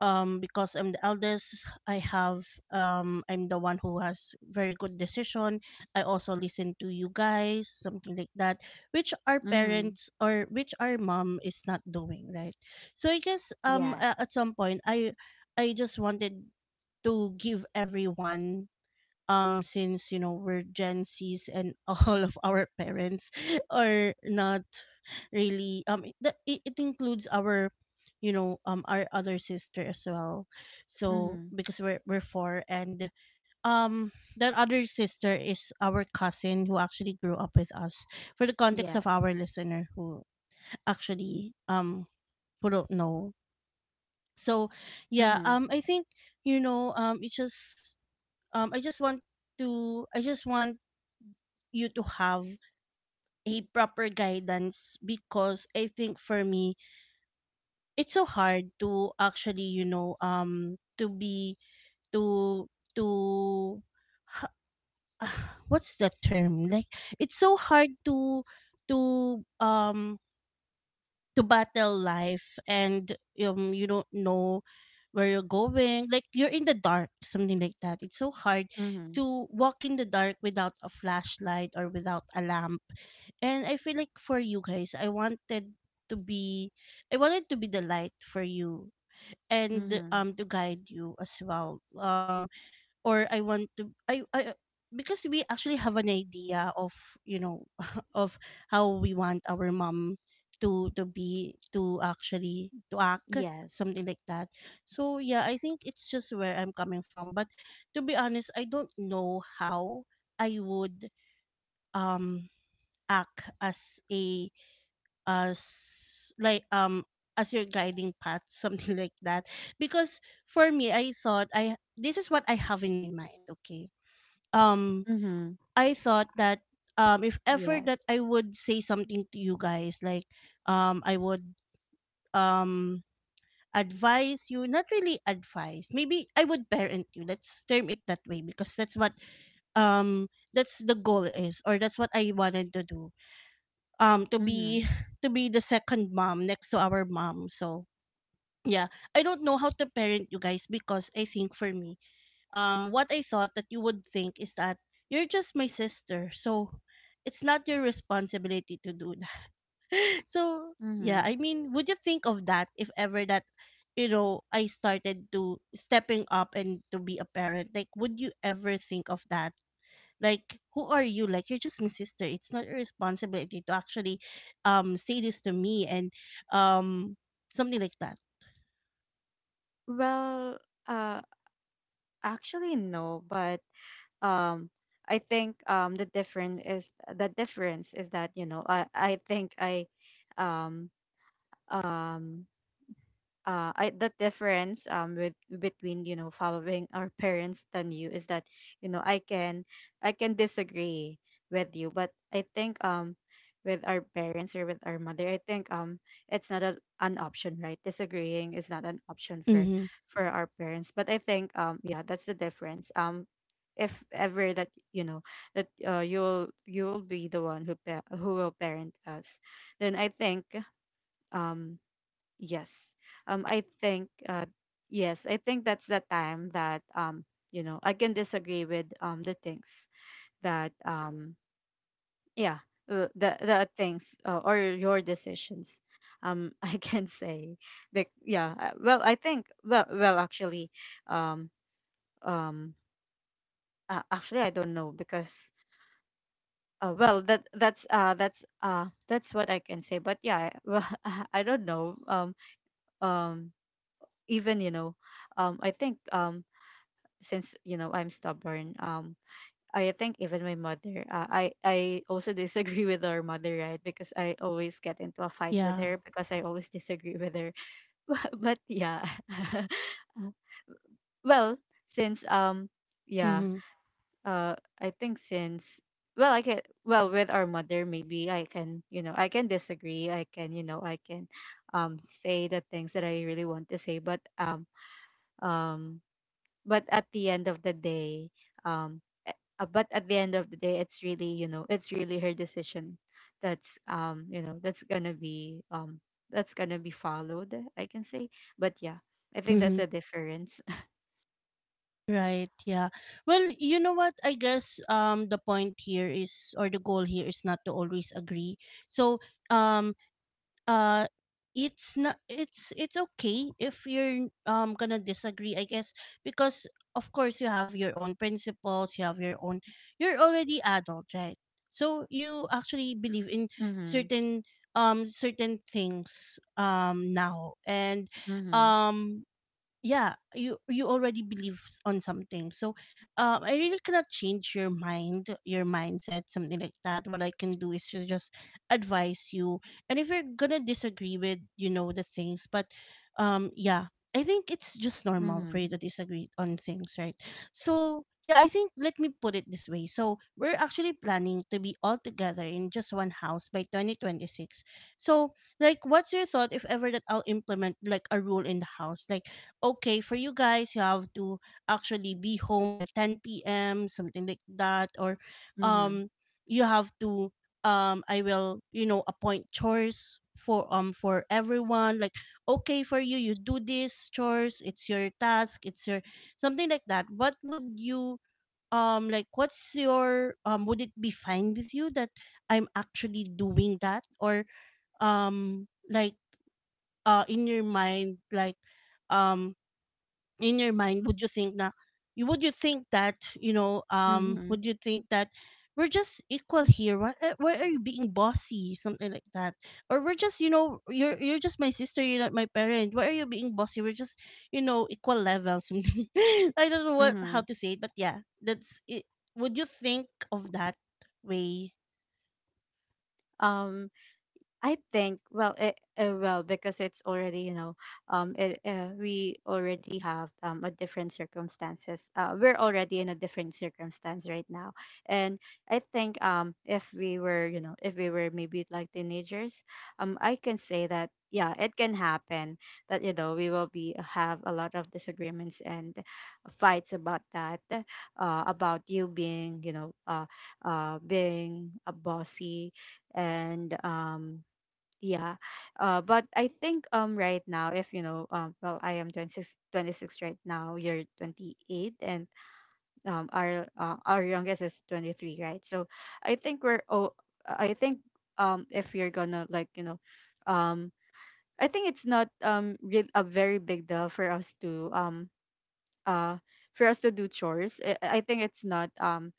A: because I'm the eldest I have I'm the one who has very good decision, I also listen to you guys, something like that, which our
B: Mhm.
A: parents or which our mom is not doing, right? So I guess
B: Yes.
A: at some point, I just wanted to give everyone since you know we're gen z's and all of our parents are not really it it includes our you know our other sister as well, so
B: Mhm.
A: because we're four, and um that other sister is our cousin who actually grew up with us, for the context of
B: Yes.
A: our listener who actually who don't know. So yeah,
B: Mhm.
A: I think, you know, it's just I just want to I just want you to have a proper guidance, because I think for me it's so hard to actually, you know, to be to to ha- what's the term, like, it's so hard to um to battle life, and you don't know where you're going, like you're in the dark, something like that, it's so hard
B: Mhm.
A: to walk in the dark without a flashlight or without a lamp. And I feel like for you guys, I wanted to be, I wanted to be the light for you, and
B: Mm-hmm.
A: to guide you as well, or I want to, I, because we actually have an idea of, you know, of how we want our mom to be, to actually to act,
B: Yes.
A: something like that. So yeah, I think it's just where I'm coming from. But to be honest, I don't know how I would um act as a as like as your guiding path, something like that. Because for me I thought I this is what I have in my mind, okay, um
B: Mm-hmm.
A: I thought that if ever that
B: Yes.
A: I would say something to you guys, like, I would um advise you, not really advise, maybe I would parent you, let's term it that way, because that's what that's the goal is, or that's what I wanted to do, to
B: Mm-hmm.
A: be to be the second mom next to our mom. So yeah, I don't know how to parent you guys, because I think for me, what I thought that you would think is that you're just my sister, so it's not your responsibility to do that. So yeah,
B: Mm-hmm.
A: I mean, would you think of that, if ever that you know I started to stepping up and to be a parent? Like, would you ever think of that? Like, who are you? Like, you're just my sister, it's not your responsibility to actually say this to me, and um something like that.
B: Well, uh, actually no, but, um, I think, the different is, the difference is that, you know, I think I, um um the difference, with, between, you know, following our parents than you, is that, you know, I can, I can disagree with you, but I think, with our parents, or with our mother, I think, it's not an option, right? Disagreeing is not an option for,
A: Mm-hmm.
B: our parents. But I think, yeah, that's the difference, if ever that, you know, that you'll be the one who who will parent us, then I think, um Yes. I think, yes, I think that's the time that, you know, I can disagree with, the things that, yeah, the things, or your decisions. I can say, like, yeah, well, I think, actually, um, um, actually, I don't know because, well, that's, that's what I can say. But yeah, well, I don't know. Um, Even, you know, I think, since, you know, I'm stubborn. I think even my mother. I also disagree with our mother, right? Because I always get into a fight with
A: Yeah.
B: her because I always disagree with her. But yeah, well, since, yeah,
A: Mm-hmm.
B: uh, I think since, well, I can, with our mother, maybe I can, you know, I can disagree. I can, you know, I can, say the things that I really want to say, but, um but at the end of the day, um a- but at the end of the day it's really, you know, it's really her decision, that's, you know, that's gonna be, that's gonna be followed, I can say. But yeah, I think that's
A: Mm-hmm.
B: the difference.
A: Right, yeah. Well, you know what? I guess the point here is, or the goal here is not to always agree. So, um uh it's not, it's it's okay if you're gonna disagree, I guess, because of course you have your own principles, you have your own, you're already adult, right? So you actually believe in
B: Mm-hmm.
A: certain certain things now and
B: Mm-hmm.
A: um yeah, you already believe on something. So I really cannot change your mind, your mindset, something like that. What I can do is to just advise you. And if you're gonna disagree with, the things, but yeah, I think it's just normal for
B: Mm-hmm.
A: you to disagree on things, right? So yeah, I think let me put it this way. So we're actually planning to be all together in just one house by 2026. So, like, what's your thought if ever that I'll implement, like, a rule in the house, like, okay, for you guys, you have to actually be home by 10 p.m., something like that? Or
B: Mm-hmm.
A: um you have to, I will, appoint chores for for everyone, like, okay, for you, you do this chores, it's your task, it's your something like that. What would you, like, what's your, would it be fine with you that I'm actually doing that? Or like, in your mind, like, um in your mind, would you think na, you, would you think that,
B: Mm-hmm.
A: would you think that we're just equal here, why are you being bossy, something like that? Or we're just, you know, you're just my sister, you're not my parent, why are you being bossy, we're just, you know, equal level, something. I don't know what, how
B: Hmm.
A: to say it, but yeah, that's it. Would you think of that way?
B: um I think, well, well, because it's already, you know, we already have a different circumstances. We're already in a different circumstance right now, and I think, if we were, you know, if we were maybe like teenagers, I can say that, yeah, it can happen, that, you know, we will be have a lot of disagreements and fights about that, about you being, you know, being a bossy, and, yeah, but I think, right now, if, you know, well, I am twenty six right now, you're 28, and, our, our youngest is 23, right? So I think we're, oh, I think, if you're gonna, like, you know, um I think it's not, real a very big deal for us to, uh for us to do chores. I think it's not,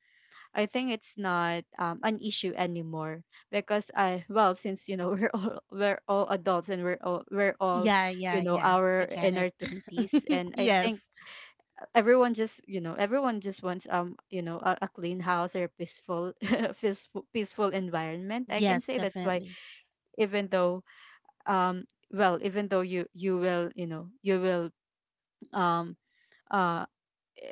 B: I think it's not, an issue anymore, because I, well, since, you know, we're all adults, and we're all,
A: Yeah,
B: you
A: yeah,
B: know,
A: yeah, I
B: our,
A: get
B: in our twenties,
A: it.
B: and I think
A: Yes.
B: everyone just, you know, everyone just wants, you know, a clean house, or a peaceful peaceful environment, I can
A: Yes,
B: say. That's why,
A: definitely.
B: even though, um well, even though you will, you know, you will, um uh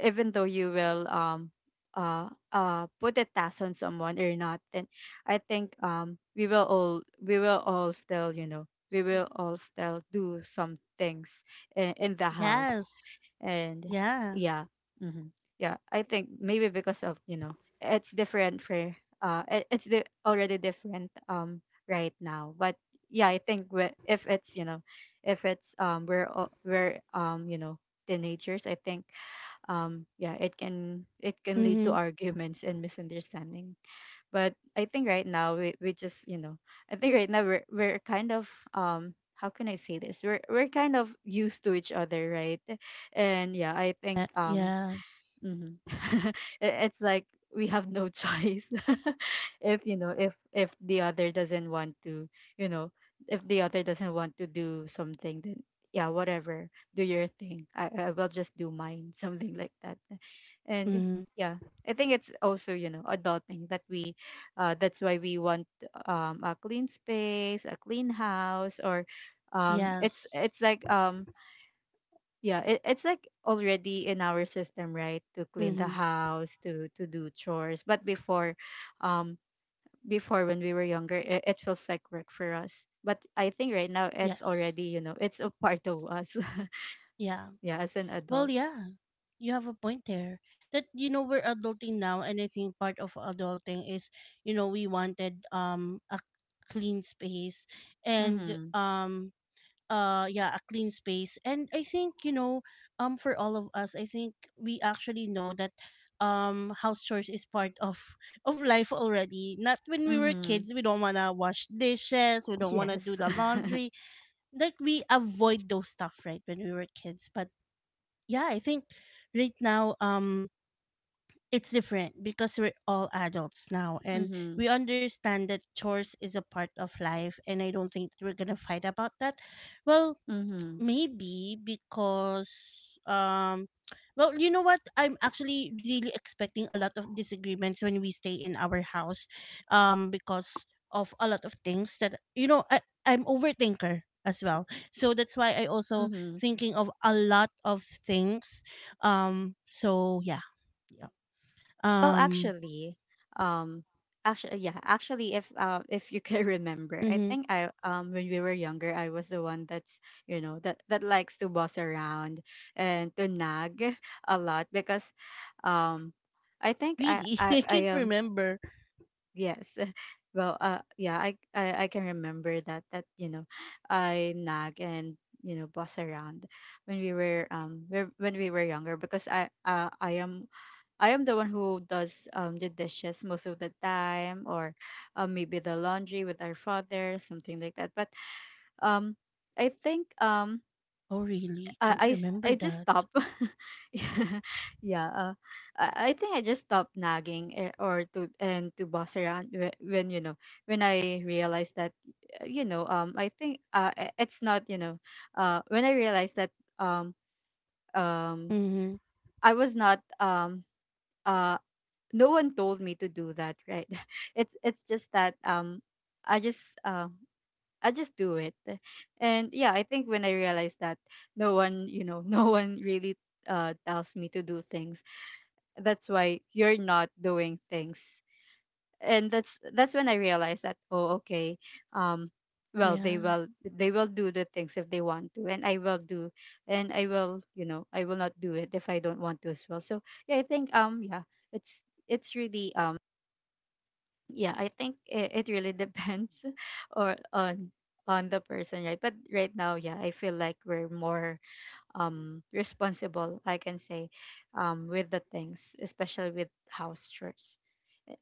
B: even though you will, put a task on someone or not, then I think, we will all still, you know, we will all still do some things, in the house.
A: Yes.
B: And
A: Yeah.
B: yeah. Hmm. Yeah, I think maybe because of, you know, it's different for, already different, right now, but yeah, I think, if it's, you know, if it's, we're all- we're you know, teenagers, I think, yeah, it can lead to
A: Mm-hmm.
B: arguments and misunderstanding. But I think right now we just, you know, I think right now we're kind of, how can I say this, we're kind of used to each other, right? And yeah, I think,
A: Eh, yes.
B: Mhm. It's like we have no choice. If, you know, if the other doesn't want to, you know, if the other doesn't want to do something, then yeah, whatever, do your thing, I will just do mine. Something like that. And
A: Mhm.
B: yeah, I think it's also, you know, adulting that we, that's why we want, a clean space, a clean house, or it's
A: Yes.
B: it's like, yeah, it's like already in our system, right? To clean the
A: Mhm.
B: house, to do chores. But before, um, before, when we were younger, it feels like work for us. But I think right now it's
A: Yes.
B: already, you know, it's a part of us.
A: Yeah.
B: Yeah, as an
A: Well,
B: adult.
A: yeah. You have a point there. That, you know, we're adulting now, and I think part of adulting is, you know, we wanted a clean space, and
B: Mm-hmm.
A: yeah, a clean space. And I think, for all of us, I think we actually know that house chores is part of of life already. Not when we were
B: Mm-hmm.
A: kids, we don't want to wash dishes, we don't want to do
B: Yes.
A: the laundry, like, we avoid those stuff, right? When we were kids, but yeah, I think right now, it's different because we're all adults now, and
B: Mm-hmm.
A: we understand that chores is a part of life, and I don't think we're gonna fight about that. Well,
B: Mm-hmm.
A: maybe because well, you know what? I'm actually really expecting a lot of disagreements when we stay in our house, because of a lot of things that, you know, I'm overthinker as well. So that's why I also
B: Mm-hmm.
A: thinking of a lot of things. So yeah. Yeah.
B: Well,
A: Um
B: actually, um, actually, yeah, actually, if you can remember, I
A: mhm.
B: think I, when we were younger, I was the one that's, you know, that likes to boss around and to nag a lot because, um, I think I
A: Really?
B: I
A: I
B: I
A: can't
B: am
A: remember.
B: yes, well, yeah, I can remember that, you know, I nag and, you know, boss around when we were, when we were younger, because I, I am the one who does, the dishes most of the time, or, maybe the laundry with our father, something like that. But, um, I think,
A: Oh, really? Can't remember
B: I just
A: that.
B: stop. Yeah, yeah. I think I just stop nagging, or to, and to boss around, when, you know, when I realize that, you know, I think, it's not, you know, when I realize that, um um
A: Mhm.
B: I was not. Uh, no one told me to do that, right? It's just that, i just uh I just do it. And yeah, I think when I realized that, no one, you know, no one really tells me to do things, that's why you're not doing things. And that's when I realized that, oh okay, um well, they
A: Yeah.
B: will they will do the things if they want to, and I will do, and I will, you know, I will not do it if I don't want to as well, so yeah, I think, yeah, it's it's really, yeah, I think it really depends, or on, the person, right? But right now, yeah, I feel like we're more, responsible, I can say, with the things, especially with house chores.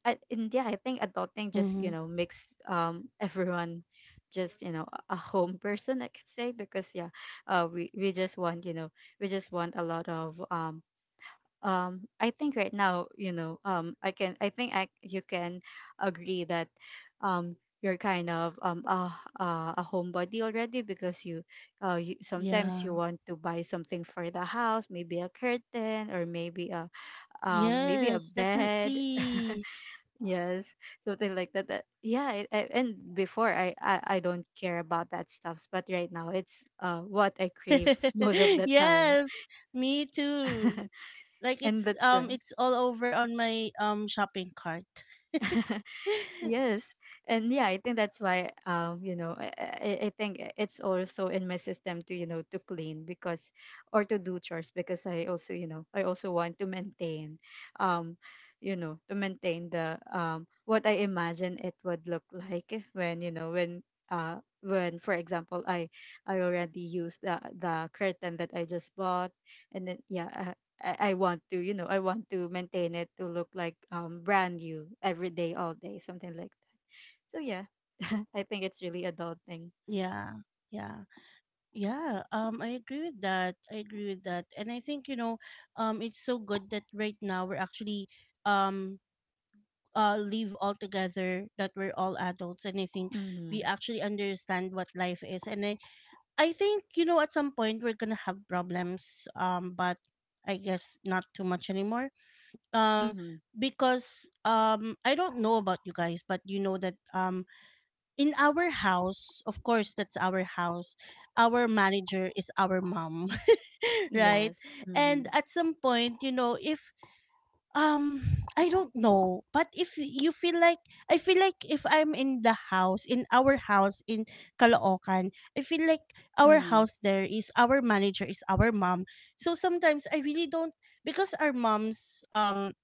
B: And yeah, I think adulting just,
A: Mhm.
B: you know, makes, everyone just, you know, a home person, I could say, because yeah, we just want, you know, we just want a lot of, I think right now, you know, I can, I think, I, you can agree that, um you're kind of, a homebody already, because you, you, sometimes
A: Yeah.
B: you want to buy something for the house, maybe a curtain, or maybe a, maybe a
A: Yes,
B: bed.
A: definitely.
B: Yes. Something like that, that yeah, and before, I don't care about that stuffs, but right now it's, what I crave most of the time.
A: Yes, me too. Like,
B: And
A: it's
B: that's
A: um
B: why.
A: it's all over on my shopping cart.
B: Yes. And yeah, I think that's why, you know, I think it's also in my system to, you know, to clean, because, or to do chores, because I also, you know, I also want to maintain, um, you know, to maintain the, what I imagine it would look like when, you know, when, when, for example, I already used the curtain that I just bought, and then yeah, I want to, you know, I want to maintain it to look like, brand new every day, all day, something like that. So yeah, I think it's really adult thing.
A: Yeah, yeah, yeah. I agree with that. I agree with that, and I think, it's so good that right now we're actually um leave all together, that we're all adults, and I think we
B: Mm-hmm.
A: actually understand what life is, and I think, you know, at some point we're gonna have problems. But I guess not too much anymore. Um,
B: Mm-hmm.
A: because I don't know about you guys, but you know that, in our house, of course, that's our house. Our manager is our mom, right?
B: Yes. Mm-hmm.
A: And at some point, you know, if, um, I don't know, but if you feel like I feel like if I'm in the house, in our house in Caloocan, I feel like our
B: Mm-hmm.
A: house there, is our manager is our mom. So sometimes I really don't, because our moms um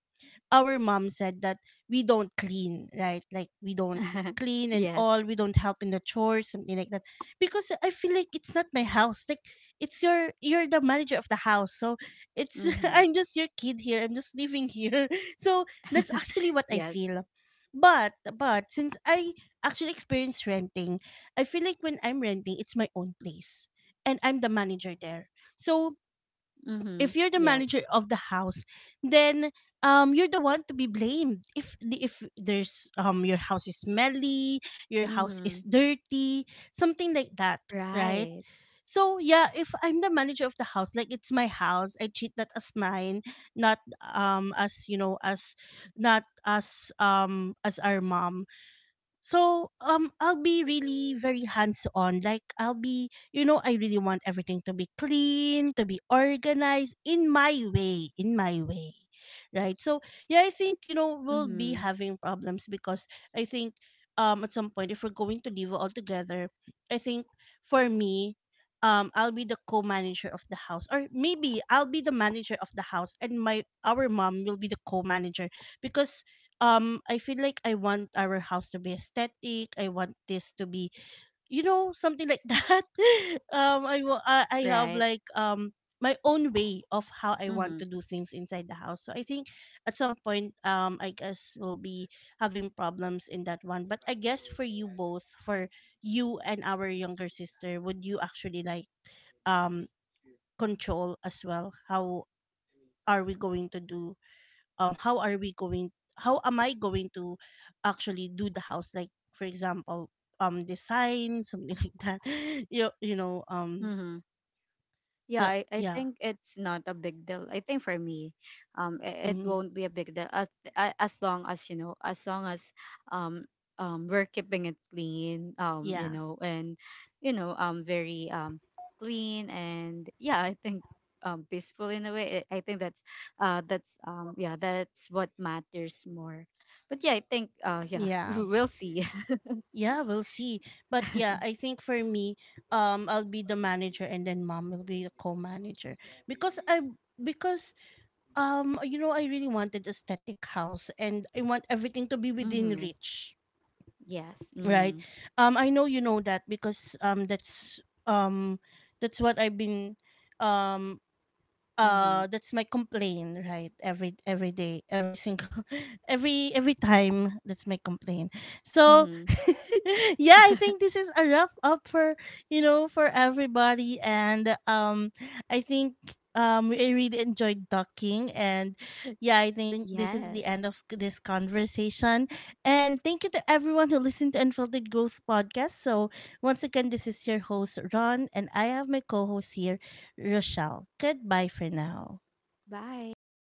A: our mom said that we don't clean, right? Like we don't clean and
B: Yes.
A: all, we don't help in the chores, something like that. Because I feel like it's not my house. Like, it's your you're the manager of the house. So it's,
B: Mm-hmm.
A: I'm just your kid here. I'm just living here. So that's actually what I
B: Yes.
A: feel. But since I actually experience renting, I feel like when I'm renting, it's my own place. And I'm the manager there. So
B: Mm-hmm.
A: if you're the
B: Yes.
A: manager of the house, then you're the one to be blamed if if there's, your house is smelly, your house is
B: Mm-hmm.
A: dirty, something like that, right?
B: Right.
A: So yeah, if I'm the manager of the house, like it's my house, I treat that as mine, not as, you know, as, not as as our mom. So I'll be really very hands on. Like, I'll be, you know, I really want everything to be clean, to be organized in my way, in my way. Right? So yeah, I think, you know, we'll be
B: Mm-hmm.
A: having problems, because I think, at some point, if we're going to live all together, I think for me, I'll be the co-manager of the house, or maybe I'll be the manager of the house, and my our mom will be the co-manager. Because I feel like I want our house to be aesthetic. I want this to be, you know, something like that. I wa- I have,
B: Right.
A: like, my own way of how I want
B: Mm-hmm.
A: to do things inside the house. So I think at some point, I guess we'll be having problems in that one. But I guess for you both, for you and our younger sister, would you actually like, um control as well, how are we going to do how are we going how am I going to actually do the house, like for example, design something like that, you know,
B: Mm-hmm. Yeah,
A: so
B: I
A: yeah.
B: think it's not a big deal. I think for me, it
A: Mhm.
B: won't be a big deal as, as long as, you know, as long as, um, we're keeping it clean,
A: Yeah,
B: you know, and you know, very, clean, and yeah, I think, peaceful in a way. I think that's, that's, yeah, that's what matters more. But yeah, I think, yeah,
A: yeah,
B: we'll see.
A: yeah, we'll see. But yeah, I think for me, I'll be the manager, and then mom will be the co-manager. Because I because you know, I really wanted aesthetic house, and I want everything to be within
B: Mm-hmm.
A: reach,
B: Yes.
A: right?
B: Mm.
A: I know you know that, because um that's what I've been um
B: Mm-hmm.
A: that's my complaint, right? Every day, every single, every time, that's my complaint. So
B: Mm-hmm.
A: yeah, I think this is a rough up for, you know, for everybody. And I think, I really enjoyed talking. And yeah, I think this is
B: Yes.
A: the end of this conversation. And thank you to everyone who listened to Unfiltered Growth Podcast. So once again, this is your host Ron, and I have my co-host here, Rochelle. Goodbye for now.
B: Bye.